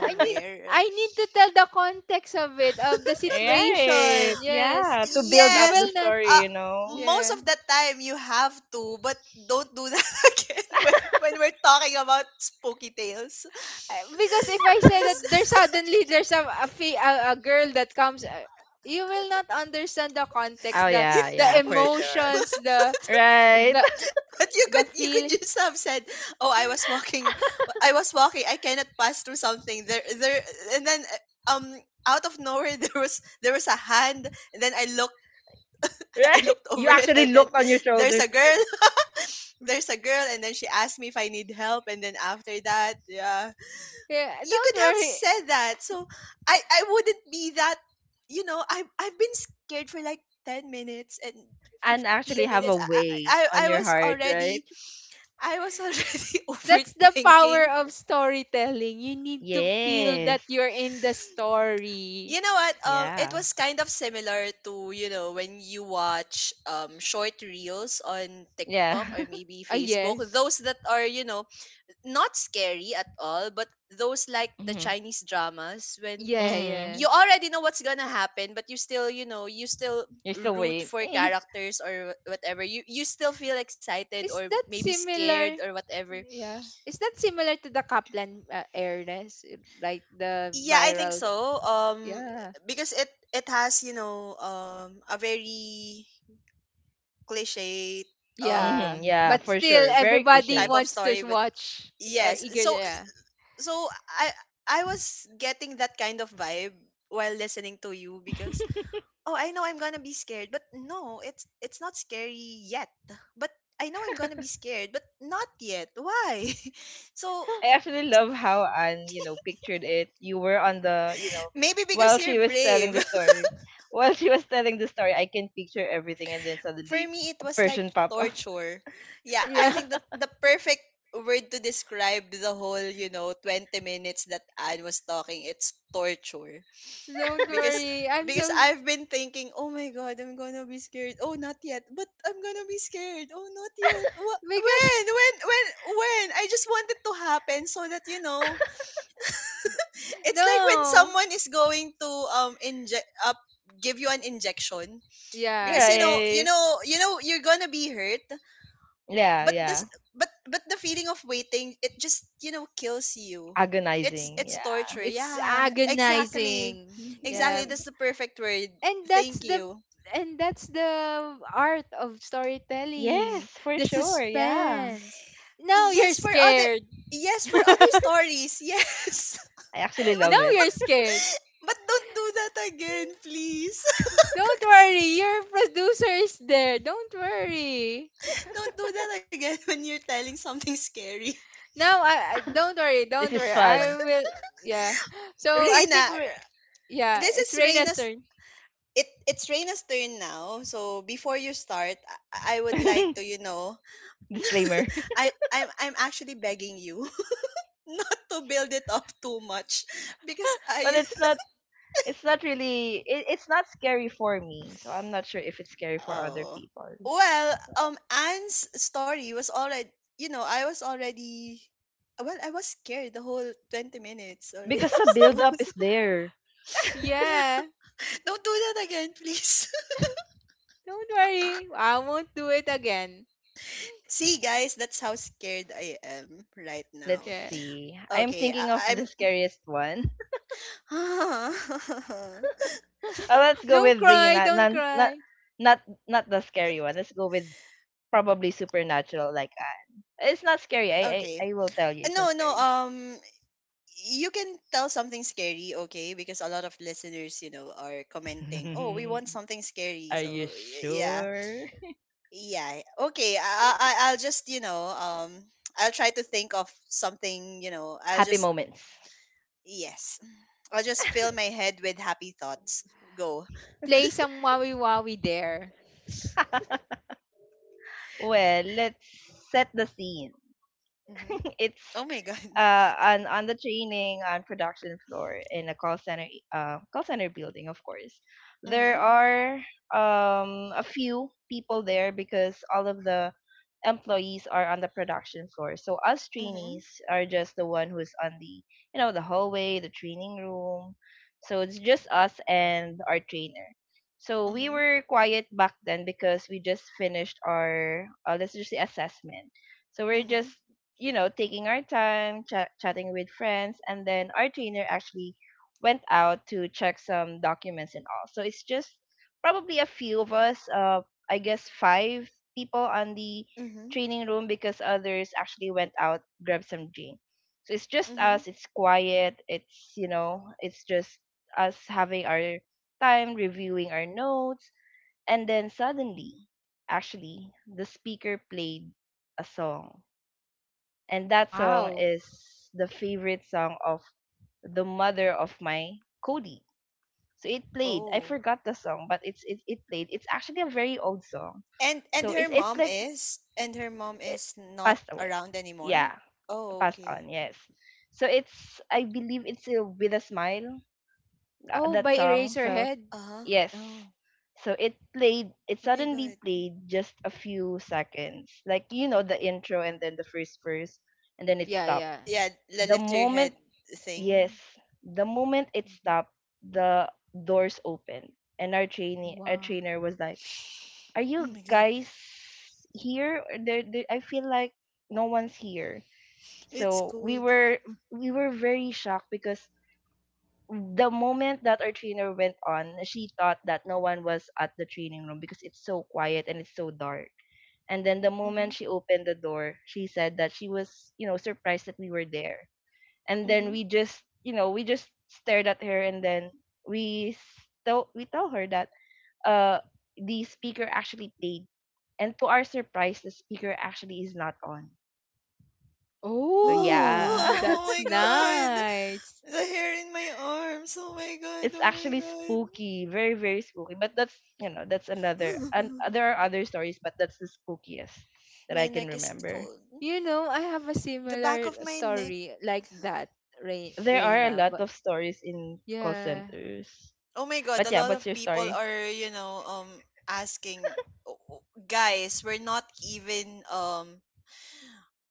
I need I need to tell the context of it, of the
Right.
situation. Yes,
Yeah. To build
you
up
Yes,
the
will not.
story,
uh,
you know.
most
Yeah.
of the time you have to, but don't do that again when we're talking about spooky tales.
Because if I say that
Because
there's suddenly there's a girl that comes, you will not understand the
Oh,
context, the
yeah,
the
yeah, for sure.
emotions,
Right.
the
but you
the
could
feeling.
just have said, "Oh, I was walking, I cannot pass through something." There, and then uh, um, out of nowhere there was a hand, and then I looked I
Right.
looked
You
over it,
actually
and then
looked on your
there's
shoulder,
a girl, and then she asked me if I need help, and then after that, yeah,
Yeah,
you
don't
could have
worry.
said that. So I wouldn't be that, you know, I I've been scared for like 10 minutes. And
and actually
15
have a
minutes I, I
way
i I
on your
was
heart,
already
right?
I was already
That's the power
overthinking.
of storytelling. You need to feel that
Yes.
you're in the story.
You know what? It
Yeah.
was kind of similar to you know when you watch short reels on
Yeah.
TikTok or maybe
Ah,
Facebook.
yes.
Those that are you know not scary at all, but those like the
Mhm.
Chinese dramas when
Yeah,
Mm.
yeah.
you already know what's gonna happen, but you still you know you still
You're still
root
waiting.
for
Is
characters or whatever. You still feel excited or
Is that
maybe scared
similar?
or whatever.
Yeah. Is that similar to the Kaplan, airness? Like the
Yeah, I think
viral?
so.
Yeah.
Because it has you know a very cliche um
Yeah,
Mhm. Yeah,
but
for
still,
sure. Very
everybody
type of
cliche.
wants
story,
to
but
watch. Are
yes.
eager,
So
yeah,
so I was getting that kind of vibe while listening to you, because oh, I know I'm gonna be scared, but no, it's not scary yet. But I know I'm gonna be scared, but not yet. Why? So
I actually love how Anne, pictured it. You were on
maybe
while
because you're
she was telling
brave.
the story. While she was telling the story, I can picture everything, and then
For
suddenly
me
a
it was like
person pop up.
torture. Yeah, I
yeah.
think that the perfect word to describe the whole, you know, 20 minutes that Anne was talking, it's torture.
Don't
Because
worry, I'm so
I've been thinking, oh my god, I'm gonna be scared. Oh, not yet, but I'm gonna be scared. Oh, not yet.
because
When? I just want it to happen so that you know. It's like when
no,
someone is going to give you an injection
yeah,
because
Right?
you know, you're gonna be hurt.
Yeah,
but this
yeah.
but but the feeling of waiting, it just you know kills you. It's
Agonizing. Yeah.
torture,
it's
yeah, exactly.
agonizing. Yeah,
Exactly, that's the perfect word.
and that's
Thank
the
you.
and that's the art of
Yes,
storytelling.
for
The
sure. Yeah.
suspense. Now
yes
you're
for other
scared.
yes, for other stories, yes.
I actually love
Now
but
it.
you're scared.
but don't do that again, please.
Don't worry, your producer is there. Don't worry.
Don't do that again when you're telling something scary.
No, I don't worry,
This
don't
is
worry. I
fun.
will. Yeah. So I
Reina,
think, yeah,
this
it's
is
Reina's
reina's
turn.
it it's Reina's turn now. So before you start, I would like to you know
Disclaimer.
I'm actually begging you not to build it up too much, because
But
I
it's not It's not really it's not scary for me, so I'm not sure if it's scary for other
oh,
people.
well, um, Anne's story was already you know I was scared the whole 20 minutes or
Because the
so.
build up is there.
Yeah,
Yeah.
don't do that again, please.
Don't worry. I won't do it again.
See, guys, that's how scared I am right
Let's
now.
Yeah.
see. I'm
Okay
thinking of
I,
the
I'm
scariest one. Let's go
Don't
with the
cry. Don't cry.
not not the scary one. Let's go with probably supernatural, like it's not scary. I
okay,
I, I will tell you it's not
no,
scary.
um, you can tell something scary, okay? Because a lot of listeners, you know, are commenting, "Oh, we want something scary."
Are you
So yeah,
sure?
yeah, okay. I'll just you know I'll try to think of something. You know, I'll
Happy
just
moments.
yes, I'll just fill my head with happy thoughts. Go.
Play some Wowie Wowie there.
Well, let's set the scene.
Mm-hmm.
It's,
Oh my god.
on the training and production floor in a call center, call center building, of course. There
Mm-hmm.
are, a few people there because all of the employees are on the production floor, so us
Mm-hmm.
trainees are just the one who's on the you know the hallway, the training room. So it's just us and our trainer. So we
Mm-hmm.
were quiet back then because we just finished our, let's just say, assessment. So we're
Mm-hmm.
just, taking our time, chatting with friends, and then our trainer actually went out to check some documents and all. So it's just probably a few of us, I guess five people on the
Mm-hmm.
training room because others actually went out grab some drink. So it's just
Mm-hmm.
us. It's quiet. It's just us having our time reviewing our notes, and then suddenly, actually, the speaker played a song, and that song
Wow.
is the favorite song of the mother of my Cody. So it played. I
Oh.
forgot the song, but it played. It's actually a very old song.
And
So
her
it's
mom
like
is
it
not
passed away.
around anymore.
Yeah,
Oh,
passed
okay.
on. Yes. So it's I believe it's, With a Smile,
Oh,
that
by
song. So
Eraserhead.
Uh-huh.
yes.
Oh.
So it played. It
Oh my
suddenly
god.
played just a few seconds, like the intro and then the first verse, and then it
Yeah,
stopped
yeah.
Yeah, the
the
lift your
moment
head
Yes,
thing.
the moment it
Mhm.
stopped, the doors opened, and our
Wow.
trainer was like, "Are
Oh
you
my god.
guys here? Or there, I feel like no one's here."
It's
So we
cold.
were very shocked because the moment that our trainer went on, she thought that no one was at the training room because it's so quiet and it's so dark. And then the
Mm-hmm.
moment she opened the door, she said that she was, you know, surprised that we were there, and then
Mm-hmm.
we just you know we just stared at her, and then we we tell her that uh the speaker actually played, and to our surprise the speaker actually is not on. So
Oh,
yeah.
Oh
that's
my god.
nice.
The hair in my arms. Oh my god.
It's
Oh my
actually
god.
spooky, very very spooky, but that's you know that's another. And there are other stories, but that's the spookiest that I
My
can
neck is
remember.
cold.
You know, I have a
The back of
similar
my neck.
story like that,
There are a
Reina.
lot
But
of stories in call
yeah.
centers,
Oh my god,
but
a
yeah,
lot
what's
of
your
people
story?
are, you know, um, asking, "Oh, oh, guys, we're not even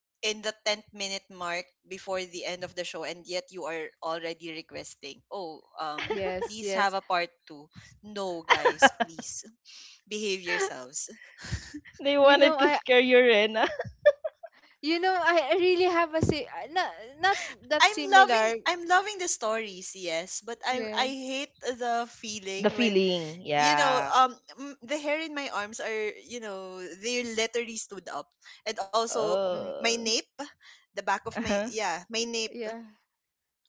in the 10th minute mark before the end of the show and yet you are already requesting, oh, um,
Yes,
please have
yes.
a part 2. No, guys, please, behave yourselves."
They
You
wanted
know,
to
I
scare you, Rena.
you know, I really have a si not not that
I'm loving,
similar.
the stories, yes, but I
Yes.
hate the
The
feeling when
feeling,
you know
yeah.
the hair in my arms are you know they literally stood up, and also my
Oh.
nape, the back of my
Uh-huh.
yeah, my nape,
Yeah.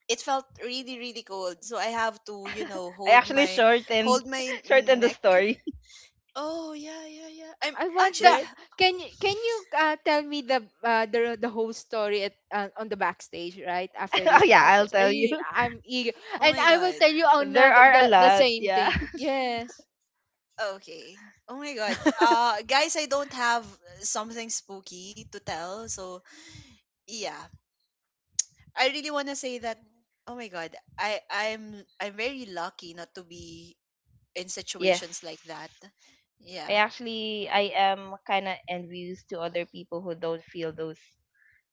it felt really really cold, so I have to you know
I
hold
actually
my
shortened.
hold my
Shortened the
neck.
story.
Oh, yeah I'm
I want the
actually
There.
can you tell me the, the whole story at, on the backstage right after
Oh,
this
yeah, I'll
podcast. I
tell you.
really, I'm eager,
oh
and
my
I will
god.
tell you
There
another
are a
the
lot,
same
yeah.
thing. Yes.
Okay. Oh my god. Uh, guys, I don't have something spooky to tell, so yeah, I really want to say that, oh my god, I'm very lucky not to be in
Yes.
situations like that. Yeah.
I actually I am kind of envious to other people who don't feel those,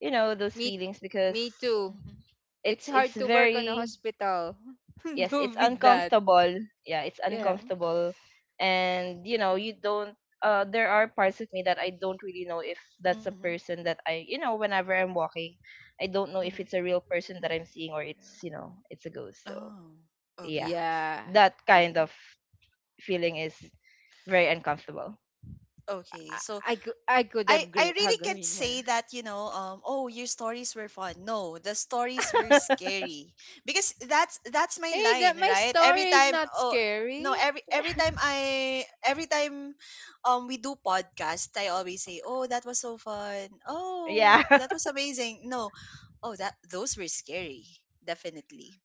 those
Me
feelings, because
me too.
mm-hmm,
It's
it's
hard to work on a
very
hospital.
yes, it's
Do with that.
uncomfortable, yeah, it's
Yeah.
mm-hmm,
uncomfortable. And you don't, there are parts of me that I don't really know if that's a
Mm-hmm.
person that I, whenever I'm walking, I don't know if
Hmm.
it's a real person that I'm seeing or it's you know it's a ghost. So
Oh.
yeah,
Okay.
Yeah.
that kind
Mm-hmm.
of feeling is very uncomfortable.
Okay,
I,
so
I could have
I really
hug her
can't
in
say
one.
that, you know, oh, your stories were fun. No, the stories were scary. Because that's my
Hey,
line,
that my
right? Every
story is
time,
not
oh, no,
scary
every time we do podcast, I always say, "Oh, that was so fun. Oh,
Yeah.
that was amazing." No, oh, that those were scary, definitely.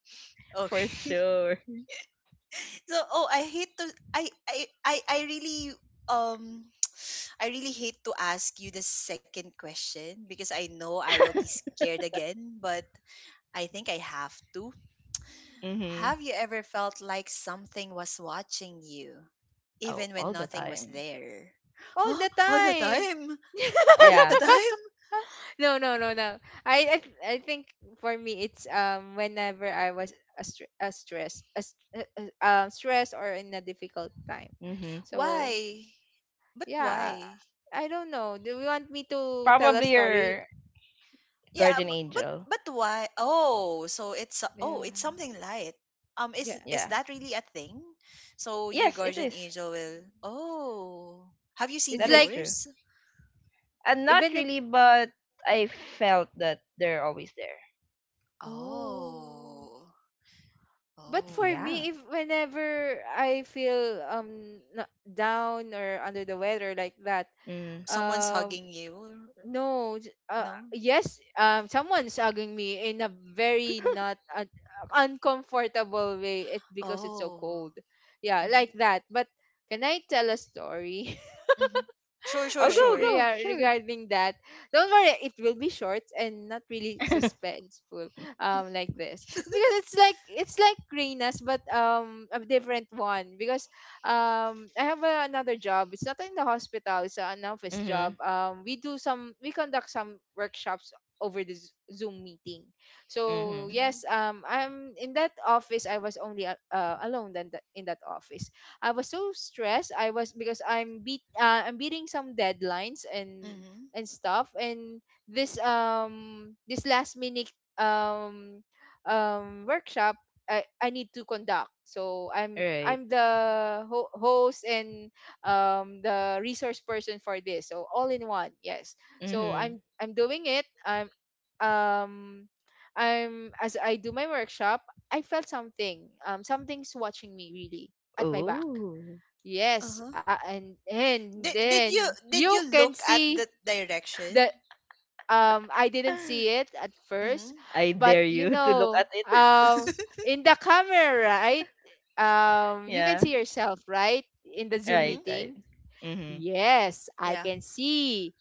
For
Okay.
sure.
So, oh, I hate to I I I, I really um I really hate to ask you the second question because I know I will be scared again, but I think I have to.
Mhm.
Have you ever felt like something was watching you,
Oh,
even when
all the
nothing was
time.
there?
all
Huh?
the
All the
time.
time? All the
Yeah.
time?
no, no, no, no. I, I, I think for me it's whenever I was a stress, a, s- a- stress or in a difficult time.
Mhm.
So
Why? But
yeah,
why?
I don't know. Do you want me to tell a
Probably
story?
your
Yeah,
guardian angel.
but why? Oh, so it's oh,
Yeah,
it's something light. Is
yeah.
Yeah.
that really a thing? So your
Yes, it
guardian
is.
angel will. Oh, have you seen
It's
That is
like
true.
yours?
And not
even it.
really, but I felt that they're always there.
Oh.
Oh.
But for
Oh.
Yeah.
me if whenever I feel down or under the weather like that.
Mm.
Someone's
Um
hugging you?
no j-
No?
Yes, someone's hugging me in a very not un- uncomfortable way it because it's so
Oh.
cold, yeah,
Mhm.
like that. But can I tell a story
Mhm. Sure,
Oh, go,
sure.
go.
yeah,
Sure.
regarding that. Don't worry, it will be short and not really suspenseful, like this because it's like Reina's, but a different one because I have another job. It's not in the hospital. It's an office
Mm-hmm.
job. We do some we conduct some workshops over the Zoom meeting. So
Mm-hmm.
Mhm.
yes, I'm in that office. I was only alone in that office. I was so stressed. I was because I'm beating some deadlines
Mhm.
and stuff and this this last minute um workshop I need to conduct. So
Right.
I'm the host and the resource person for this. So all in one. Yes. So
Mm-hmm.
I'm doing it. Um I'm as I do my workshop, I felt something. Something's watching me really at my back.
Oh.
Yes,
Uh-huh.
and
Did,
then
did
you
you
can
look at
see
the
the
direction?
I didn't see it at first,
Mhm.
I
but
dare
you
you to look
know,
at it.
in the camera, right? You can
Yeah.
see
Mhm.
yourself, right? In the Zoom
Right,
Mhm.
right.
meeting.
Mm-hmm.
Yes, I
Yeah.
can see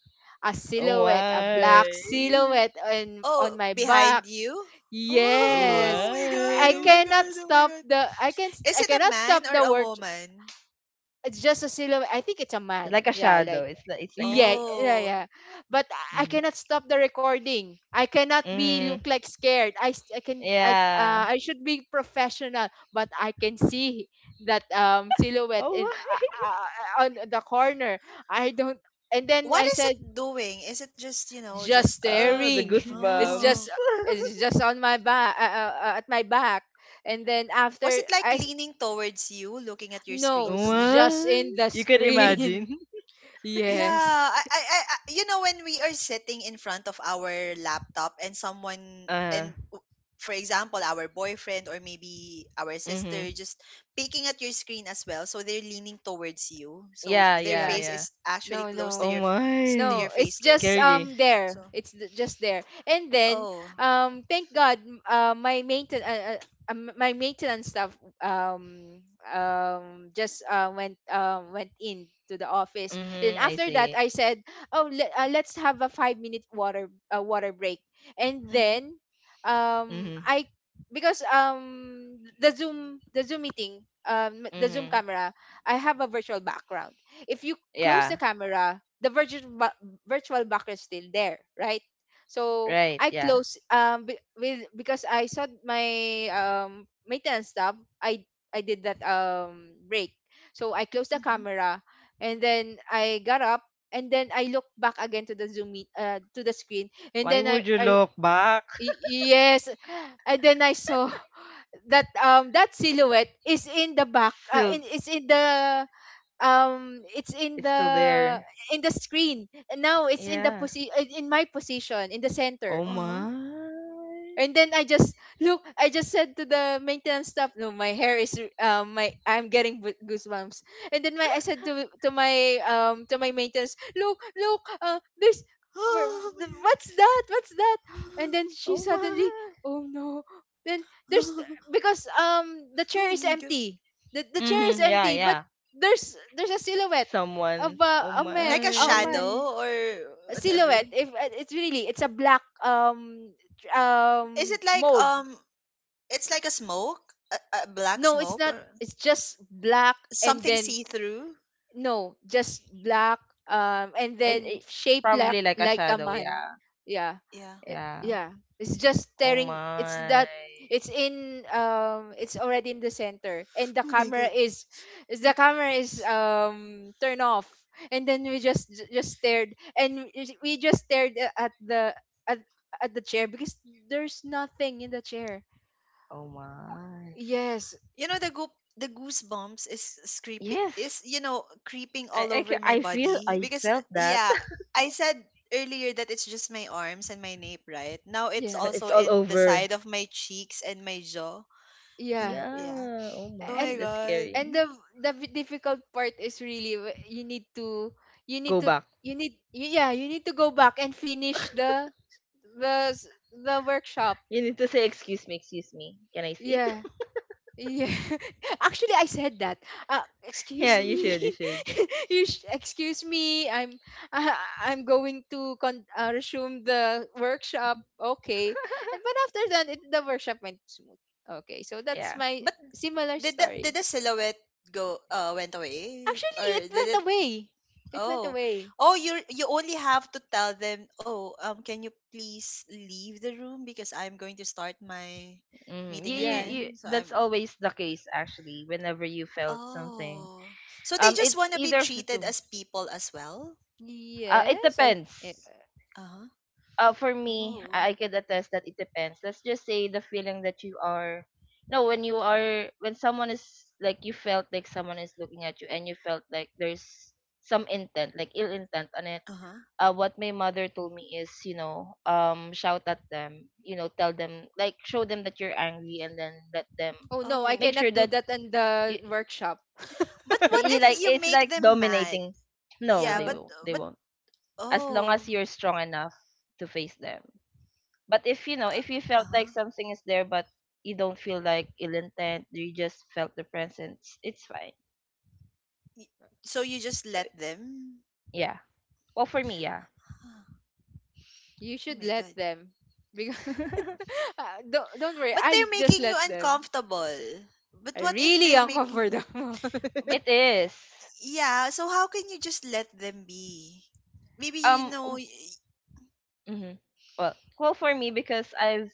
a silhouette, a
Why?
black silhouette on
Oh,
my
behind
back.
you? Oh, oh
Yes.
my god.
I
Why?
Oh my
cannot
god. Oh my
stop
god.
the I can
Is
I
it a
cannot
man
stop
or
the
a
work.
woman?
It's just a silhouette. I think it's a man.
Like a
Yeah,
shadow.
like
It's like a
yeah,
shadow.
yeah,
Oh.
yeah. But I
Mm-hmm.
cannot stop the recording. I cannot be
Mm-hmm.
look like scared.
Yeah.
I should be professional, but I can see that silhouette
Oh
in
why?
on the corner. I don't. And then
What
I
is
said,
it doing? Is it just, you know,
just
just there?
Oh the
staring. it's
goosebumps.
just
Oh.
it's just on my back at my back. And then
Was
after
it like leaning towards you, looking at your
no,
screen
it's
too?
just
What?
in the
You can
screen.
imagine?
Yes.
Yeah, I, when we are sitting in front of our laptop and someone,
Uh,
for example, our boyfriend or maybe our
mm-hmm.
sister just peeking at your screen as well, so they're leaning towards you, so
Yeah,
their
Yeah.
yeah,
face
yeah.
is actually
No,
close to
no.
Oh my.
No,
your
it's
face too.
just
Scary.
So,
there. Just there. And then
oh,
thank God my mainten my maintenance staff um just went in to the office. And then
Mm-hmm, I
after that
see.
I said, "Oh, let's have a 5-minute water water break." And
mm-hmm,
then
Mm-hmm,
I because the Zoom meeting, the Zoom
mm-hmm.
camera, I have a virtual background. If you close the
Yeah,
camera, the virtual backer is still there, right? So
right,
I
yeah.
close be- with because I saw my maintenance tab. I I did that break, so I closed the
mm-hmm,
camera, and then I got up, and then I looked back again to the to the screen, and
Why
then
would you
I
look back?
y- yes, and then I saw that that silhouette is in the back
Still,
is in the um it's in
it's
the
still there.
in the screen, and now it's in the
Yeah.
in my position in the
Oh
center.
uh-huh.
my.
And then I just look. I just said to the maintenance staff, "No, my hair is my I'm getting goosebumps." And then my I said to my to my maintenance, "Look, look, there's where,
Oh my
the,
god.
what's that? What's that?" And then she
Oh
suddenly,
my.
"Oh no!" Then there's because the chair
Oh
is
my god.
empty. The chair is
Mm-hmm, yeah,
empty, but
yeah.
there's a silhouette of
Someone. Oh
a
Like
man,
a
a man.
my.
shadow or whatever.
Silhouette if it's really it's a black
Is it like
mold.
it's like a smoke? A, a black
No, it's
smoke,
not,
or
it's just black. And
something
then
see through?
no, just black and
It,
then
it,
shaped like
probably like a
a
shadow,
man.
yeah.
Yeah.
Yeah.
Uh,
Yeah.
yeah. It's just
Oh
staring. It's
my.
that it's already in the center, and the
Oh my
camera
god.
is turned off. And then we just just stared, and we just stared at, at the chair because there's nothing in the chair.
Oh my.
Yes.
You know the goop the goosebumps is creepy,
Yes.
is creeping all over my
I feel
body,
I
because
felt that,
yeah, I said earlier that it's just my arms and my nape, right? Now it's
Yeah,
but it's
also
all
in the
over.
side of my cheeks and my jaw. So
yeah.
yeah.
Yeah. Oh
Oh
And
my,
my
that's
god.
scary.
the difficult part is really you need
Go
to
back.
you need yeah, you need to go back and finish the the workshop.
You need to say excuse me, excuse me. Can I sit?
Yeah, yeah. Actually I said that,
Yeah,
excuse
you
me.
should. You should.
Excuse me, I'm I, I'm going to resume the workshop, okay? And but after that, it, the workshop went smooth. Okay, so that's
Yeah.
my
But
similar
did the did
story.
the silhouette go went away, or
Actually, it
did
went
it?
away. It went
Oh,
away.
oh, you only have to tell them. Oh, can you please leave the room, because I'm going to start my
Mm,
meeting
Yeah.
you
again. So I'm.
that's always the case actually whenever you felt something.
Oh, so they just
It's
want to be
either
treated
two.
as people as well.
It
Yes, I. Eh,
depends.
Uh huh.
For me,
Oh.
I could attest that it depends. Let's just say the feeling that you are, you know, when you are, when someone is like, you felt like someone is looking at you and you felt like there's some intent, like ill intent on it.
Uh huh.
What my mother told me is, you know, shout at them, you know, tell them, like, show them that you're angry and then let them
oh no, I
Oh.
make
cannot
sure
do
that
that in
you,
the workshop.
But what
you
if
like,
you
it's
make
like
them mad?
dominating. No,
Yeah,
they
Oh,
but
won't. They
but
won't. As long as
oh.
you're strong enough to face them. But if you know, if you
Uh
felt like
huh.
something is there, but you don't feel like ill intent, you just felt the presence, it's fine.
So you just
So
let them.
yeah. Well, for me, yeah,
Ah,
you
oh
should
my
let
god.
them. Because ah, don't worry,
But
I'll
they're
just
making you
let them.
uncomfortable. But
I
what if
really
they're making.
uncomfortable.
But
it is.
yeah, so how can you just let them be? Maybe, you
Um,
know,
w- mhm. Well, for me because I've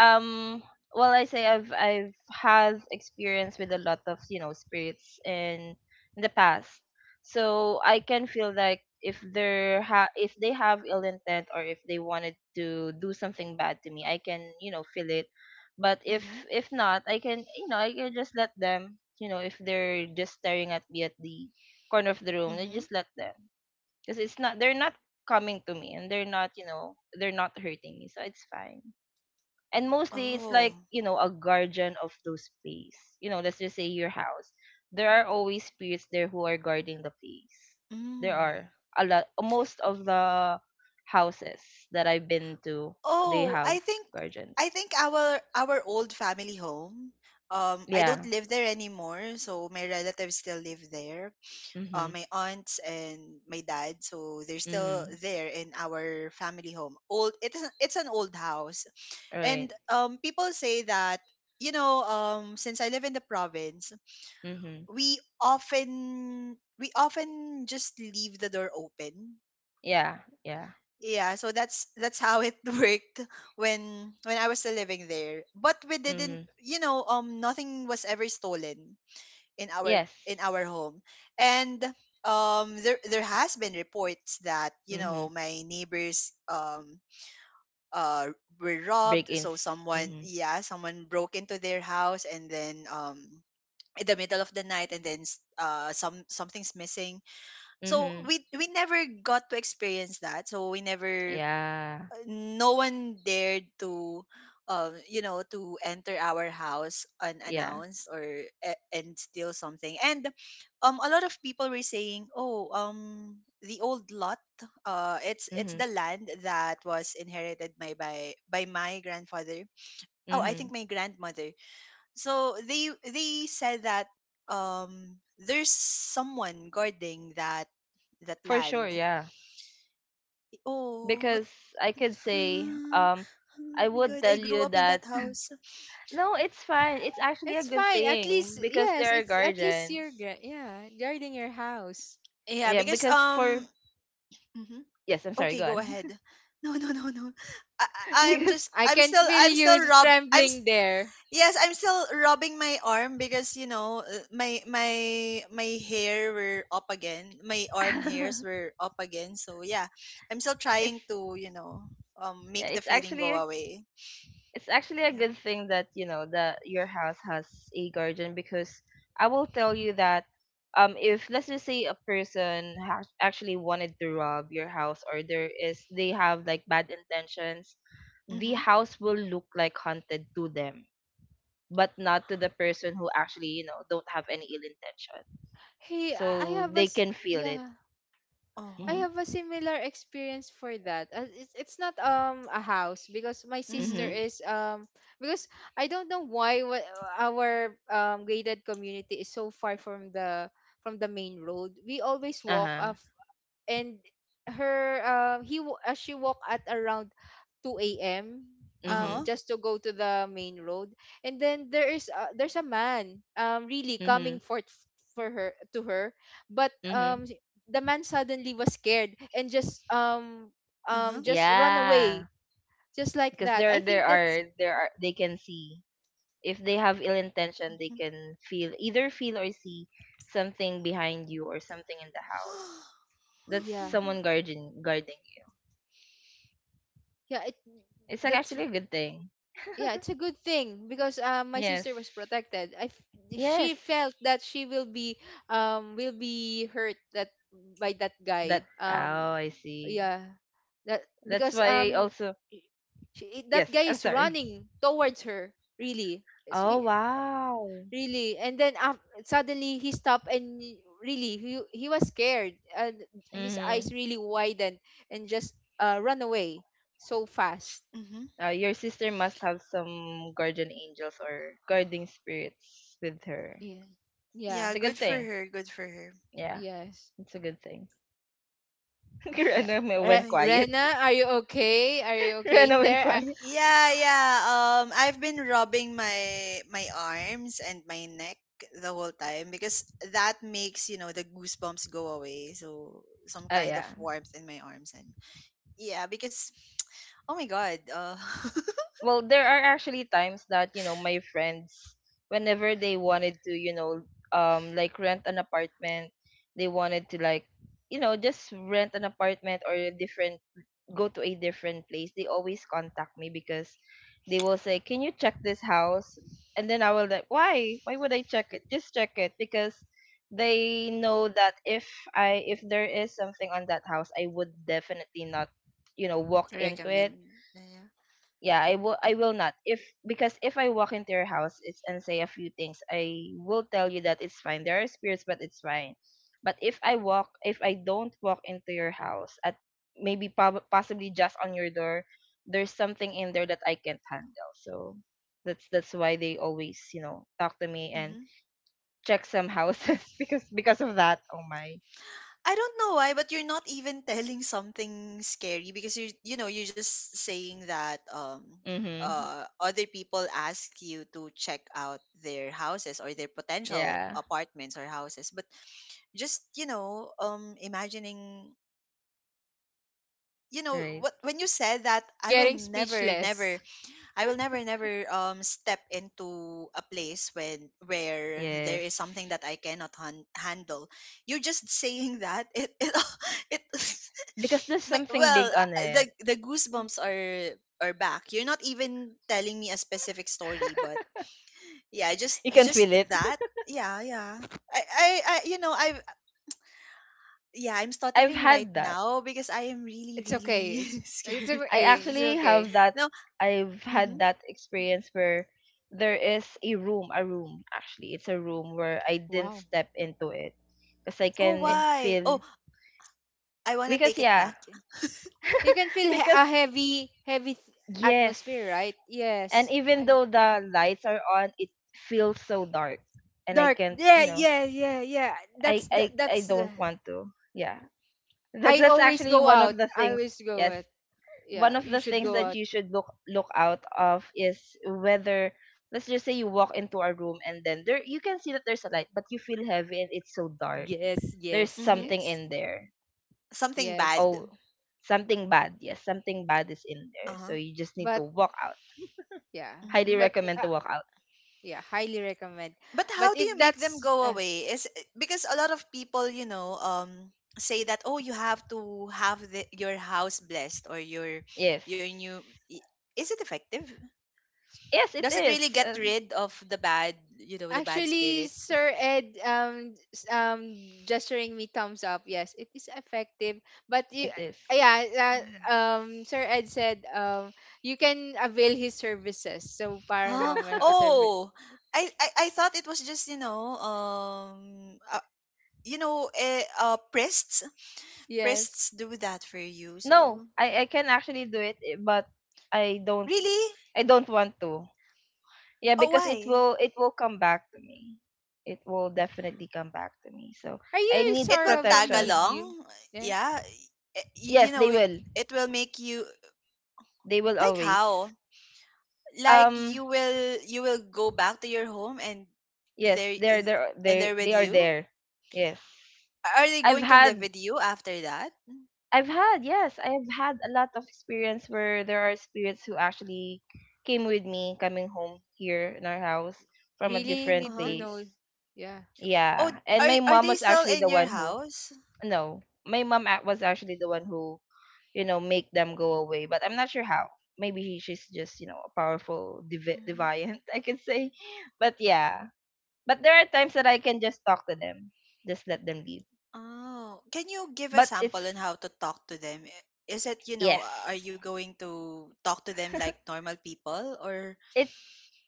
um well I say I've had experience with a lot of, you know, spirits in the past, so I can feel like if if they have ill intent or if they wanted to do something bad to me. I can, you know, feel it. But
Mhm.
if not, I can, you know, I can just let them. You know, if they're just staring at me at the corner of the room, I
Mhm.
just let them because it's not they're not coming to me and they're not, you know, they're not hurting me, so it's fine. And mostly it's like,
Oh.
you know, a guardian of those place, you know. Let's just say your house, there are always spirits there who are guarding the place. There are
Mm.
a lot, most of the houses that I've been to, they
Oh, I
have
think
guardians.
our old family home. I don't
Yeah.
live there anymore, so my relatives still live there.
Mhm.
My aunts and my dad, so they're still
Mhm.
there in our family home. Old, it is, it's an old house. And
Right.
people say that, since I live in the province,
Mhm.
we often just leave the door open.
Yeah. Yeah.
Yeah, so that's how it worked when I was still living there. But we didn't,
Mhm.
nothing was ever stolen
Yes.
in our home, and there has been reports that
Mhm.
my neighbors uh were robbed,
Break-ins.
so someone
Mhm.
yeah someone broke into their house, and then in the middle of the night, and then something's missing, so
Mhm.
we never got to experience that, so we never,
Yeah.
no one dared to enter our house
Yeah.
unannounced, and steal something, and a lot of people were saying, "Oh, the old lot, it's
Mhm.
the land that was inherited by my grandfather, oh, I
Mhm.
think my grandmother." So they said that, there's someone guarding that
For sure,
land.
yeah.
Oh.
Because I could say,
Ah,
um,
oh
I
my god,
would
I
tell
grew
you
up in that
that
house.
no, it's fine. It's actually a
It's
good
fine. At least
thing because
yes,
there are
it's at least you're
guardians.
yeah, guarding your house.
Yeah,
Yeah,
because
because for
mhm.
yes, I'm sorry,
Okay,
go
go
on.
ahead. No, no, no, no. I I- I'm
Because
just
I can feel
I'm
you
still rob I'm s-
trembling there.
yes, I'm still rubbing my arm, because you know, my hair were up again. My arm hairs were up again. So yeah, I'm still trying
it's
to,
yeah,
make the feeling go away.
it's actually a
Yeah.
good thing that you know that your house has a guardian. Because I will tell you that if let's just say a person has actually wanted to rob your house or there is they have like bad intentions, the
Mhm.
house will look like haunted to them, but not to the person who actually, you know, don't have any ill intention.
Hey, I
So
have a
they
s-
can feel it.
yeah. I
Uh-huh.
Mhm.
have a similar experience for that. It's not a house because my sister
Mhm.
Mhm.
is because I don't know why our gated community is so far from the main road. We always walk
Uh-huh.
a and her she walked at around 2 a.m.
Uh-huh.
Mhm.
Just to go to the main road, and then there is there's a man really
Mhm.
coming for her to her, but
Mhm.
the man suddenly was scared and
Uh-huh.
just run away.
Yeah,
Just like
because
that, I
there
think
there
that's
are there are they can see if they have ill intention, they
Mhm.
can feel either feel or see something behind you or something in the house. That's
yeah,
someone guarding guarding you.
yeah, it
It's like
that's
actually a good thing.
yeah, it's a good thing because my
Yes.
sister was protected. She
Yes.
felt that she will be hurt that by that guy.
That oh, I see.
Yeah, that
That's
because
why I also
i- she, that
yes.
guy
I'm
is
sorry.
running towards her really.
Oh
she,
wow.
Really. And then af suddenly he stopped, and really he was scared, and his
Mm-hmm.
eyes really widened, and just uh, run away so fast.
Mm-hmm.
Your sister must have some guardian angels or guarding spirits with her.
Yeah, yeah,
It's
Yeah,
a good
good for
yeah.
thing.
her. Good for her.
Yeah,
Yes.
it's a good thing.
Yeah.
Rena
Oh
Re-
went
my god.
quiet.
Rena, are you okay? Are you okay
Rena went
there?
quiet.
Yeah, yeah. I've been rubbing my arms and my neck the whole time, because that makes, the goosebumps go away. So some
Oh
kind of
yeah.
warmth in my arms, and yeah, because oh my god.
Well, there are actually times that you know my friends, whenever they wanted to, you know, like rent an apartment, they wanted to like, you know, just rent an apartment or a different go to a different place, they always contact me because they will say, "Can you check this house?" And then I will like, "Why? Why would I check it? Just check it because they know that if I if there is something on that house, I would definitely not, you know, walk into
Recommend.
it.
Yeah.
Yeah, I will not. If because if I walk into your house it's and say a few things, I will tell you that it's fine. There are spirits but it's fine. But if I walk if I don't walk into your house at maybe possibly just on your door, there's something in there that I can't handle. So that's why they always, you know, talk to me and check some houses because of that. Oh my.
I don't know why, but you're not even telling something scary, because you're you know you're just saying that,
Mhm.
other people ask you to check out their houses or their potential
Yeah.
apartments or houses, but just, imagining,
Right.
what, when you said that,
You're getting speechless.
I will never never, step into a place when where there
Yes.
is something that I cannot handle." You're just saying that it it
Because there's
My,
something big
well,
on it.
the goosebumps are back. You're not even telling me a specific story, but yeah, just
You can feel it.
that. Yeah, yeah. I you know, I, yeah, I'm
I've
stuttering right
had that.
now, because I am really,
It's okay.
really
It's
scared.
I
okay. It's
actually
okay.
have that.
No.
I've had
Hmm.
that experience where there is a room actually. It's a room where I didn't
Wow.
step into it because I
Oh,
Eh,
can
why?
feel
Oh, I wanna
because
take it
yeah,
back.
you can feel
because
a heavy heavy
yes.
atmosphere, right?
And
Yes.
even
I'm
though the lights are on, it feels so dark and I
dark.
can't,
Yeah,
you know,
yeah, yeah, yeah.
I
That's the,
don't want to. Yeah. That
I
that's
always
actually
go
one
out.
of the
I
things.
always go
Yes.
out. Yeah,
One of
you
the
should
things
go
Mm-hmm.
that
out.
you should look look out of is whether let's just say you walk into a room and then there you can see that there's a light but you feel heavy and it's so dark,
Yes,
there's
yes,
Mm-hmm.
something
yes.
in there.
Something
Yes.
Oh,
bad.
something bad. Yes, something bad is in there,
Uh
so
huh.
you just need to
But
walk out.
yeah.
Highly
Mm-hmm.
But
recommend
eh,
to walk out.
yeah, highly recommend.
But
But
how do
if
you make them
that's
go away, because a lot of people, say that, "Oh, you have to have your house blessed, or
Yes,
your new, i- is it effective?
yes it
Does it really
is,
get rid of the bad, the bad
actually
spirits?"
Sir Ed gesturing me thumbs up, yes it is effective, but you
it is.
yeah,
Mm.
Sir Ed said, you can avail his services. So
Ah,
paranormal service.
oh, I thought it was just, you know eh, uh priests
Yes.
priests do that for you,
No,
so
I I can actually do it, but I don't,
really,
I don't want to. Yeah,
oh,
because
why
it will come back to me. It will definitely come back to me. So
Are
I
you
need
it
sort
will
of a
tag
protection.
medium?
along.
Yeah.
Yeah. You
Yes,
know,
they will.
it will make you,
They will
like, how?
always.
Like,
Um
you will, go back to your home, and
yes,
they're
they're
they're with
they are
you?
there. Yes.
Are they
I've
going to live
had
with you after that?
I've had yes, I've had a lot of experience where there are spirits who actually came with me coming home here in our house from a
Really
different
need
Uh-huh.
to know.
place.
Yeah.
Oh,
Yeah. And
are
my mom
they
was
still
actually
in
the
your
one who
house?
no, my mom was actually the one who, you know, make them go away. But I'm not sure how. Maybe she's just, you know, a powerful,
Mhm.
deviant, I can say. But yeah. But there are times that I can just talk to them, just let them leave.
Oh, can you give a
But
sample on
it's,
how to talk to them? Is it, you know, are
yes,
you going to talk to them like normal people, or
it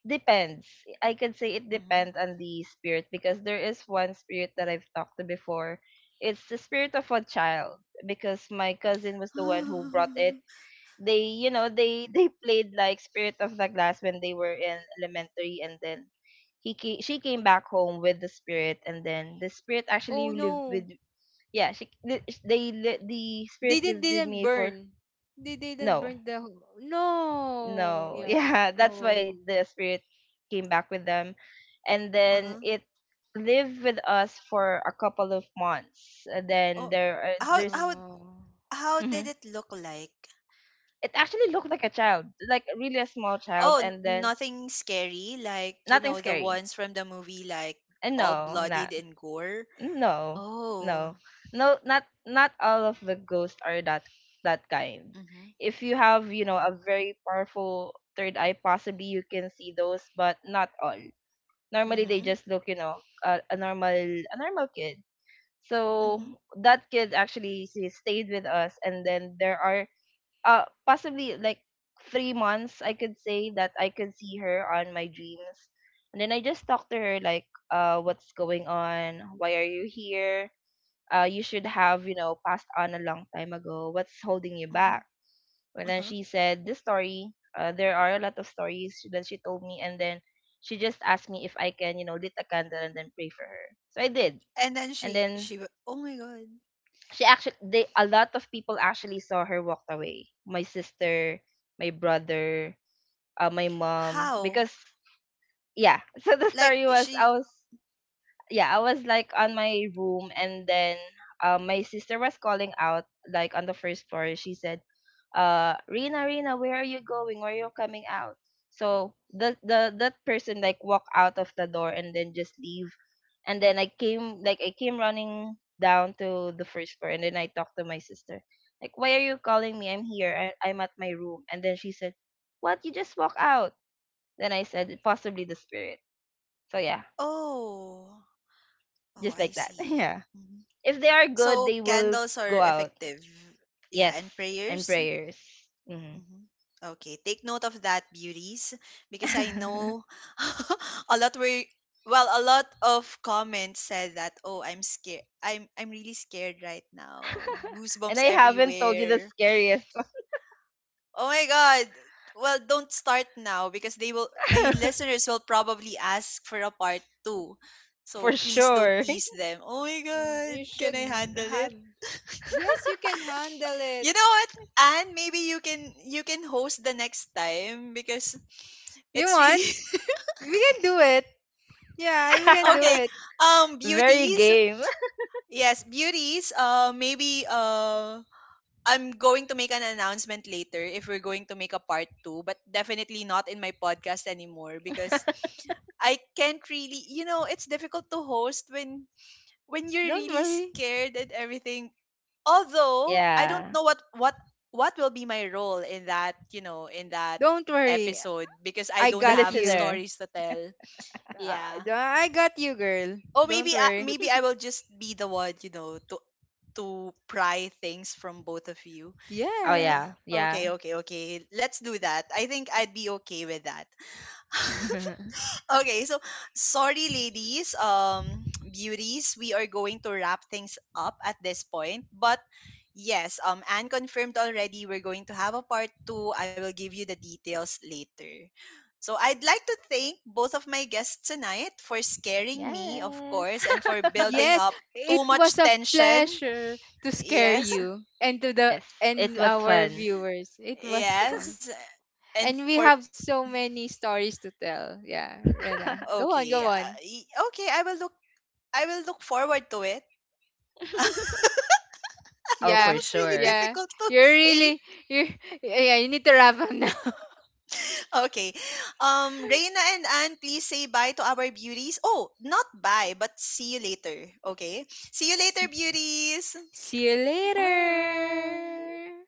depends. I can say it
mhm?
depends on the spirit because there is one spirit that I've talked to before. It's the spirit of a child because my cousin was the one who brought it. They, you know, they played like Spirit of the Glass when they were in elementary, and then she came back home with the spirit, and then the spirit actually
Oh
lived with
no,
yeah she li- they li- the
they
spirit lived with
didn't
me for
burn. They didn't
no
burn the whole- No.
no
Yeah.
yeah that's why
Oh.
the spirit came back with them, and then
Uh-huh.
it lived with us for a couple of months, and then
Oh,
there are
how
there's
how
No.
how did
mhm.
it look like?
It actually looked like a child, like really a small child,
Oh,
and then
nothing scary, like,
nothing
the
scary.
ones from the movie, like all
No, not
bloodied and gore.
no,
Oh,
no, no, not not all of the ghosts are that that kind.
mhm,
If you have, you know, a very powerful third eye, possibly you can see those, but not all. Normally, they
mhm,
just look, you know, a normal kid. So
mhm,
that kid actually she stayed with us, and then there are possibly like 3 months I could say that I could see her on my dreams. And then I just talked to her like, what's going on? Why are you here? You should have, you know, passed on a long time ago. What's holding you
mhm,
back? And then
uh-huh.
she said this story. There are a lot of stories that she told me, and then she just asked me if I can, you know, lit a candle and then pray for her. So I did,
And then
and then
oh my god,
she actually they a lot of people actually saw her walked away my sister my brother my mom
how?
because yeah so the
Like,
story was
she,
I was yeah I was like on my room, and then my sister was calling out like on the first floor. She said, Rina, Rina, where are you going? Where are you coming out? So the that person like walk out of the door and then just leave. And then I came, like, I came running down to the first floor, and then I talked to my sister. Like, why are you calling me? I'm here. I'm at my room. And then she said, What? You just walk out. Then I said, possibly the spirit. So yeah,
oh, oh,
just
I
like that.
see.
Yeah.
Mhm.
If they are good,
So
they will
candles are
go out.
effective, yeah,
Yes.
and
And
prayers.
prayers. Hmm.
Mhm. Okay, take note of that, beauties, because I know, a lot were well, a lot of comments said that, "Oh, I'm scared. I'm really scared right now.
And I
Goosebumps
haven't told you the
everywhere.
scariest.
Oh my god." Well, don't start now, because they will my listeners will probably ask for a part 2. So
For
please don't
sure.
tease them. Oh my
Mm,
god,
you
can
should
I handle it?
have. Yes, you can handle it.
You know what? And maybe, you can host the next time, because
Do you
it's really
want? We can do it. Yeah, we can do
Okay.
it.
Very
Beauties.
game.
Yes, beauties. Maybe, I'm going to make an announcement later if we're going to make a part two, but definitely not in my podcast anymore, because I can't really. You know, it's difficult to host when you're
Don't
really
worry.
scared and everything. Although I don't
Yeah.
know what will be my role in that. You know, in that
Don't worry.
episode, because I
I
don't
The
got
have
you.
listener.
stories to tell. Yeah.
I got you, girl.
Oh, maybe,
Don't worry.
I will just be the one, you know, to pry things from both of you.
Oh
Yeah.
Yes.
yeah. Yeah.
Okay, okay, okay. Let's do that. I think I'd be okay with that. Okay, so sorry, ladies, beauties, we are going to wrap things up at this point. But yes, Anne confirmed already, we're going to have a part two. I will give you the details later. So I'd like to thank both of my guests tonight, for scaring me, of
Yes.
course, and for building
Yes,
up too
it was
much
a
tension.
pleasure to scare
Yes,
you and to the
Yes. It
and
was
our
fun.
viewers. It was
yes,
fun.
and
And we
for
have so many stories to tell. Yeah, Rena. Go on,
okay,
go on.
okay, I will look forward to it.
Oh,
That
for
Yeah,
was really
sure.
yeah.
difficult to
You're
say.
really you're yeah, you need to wrap up now.
Okay. Reina and Anne, please say bye to our beauties. Oh, not bye, but see you later. Okay. See you later,
see,
beauties.
See you
Bye.
later.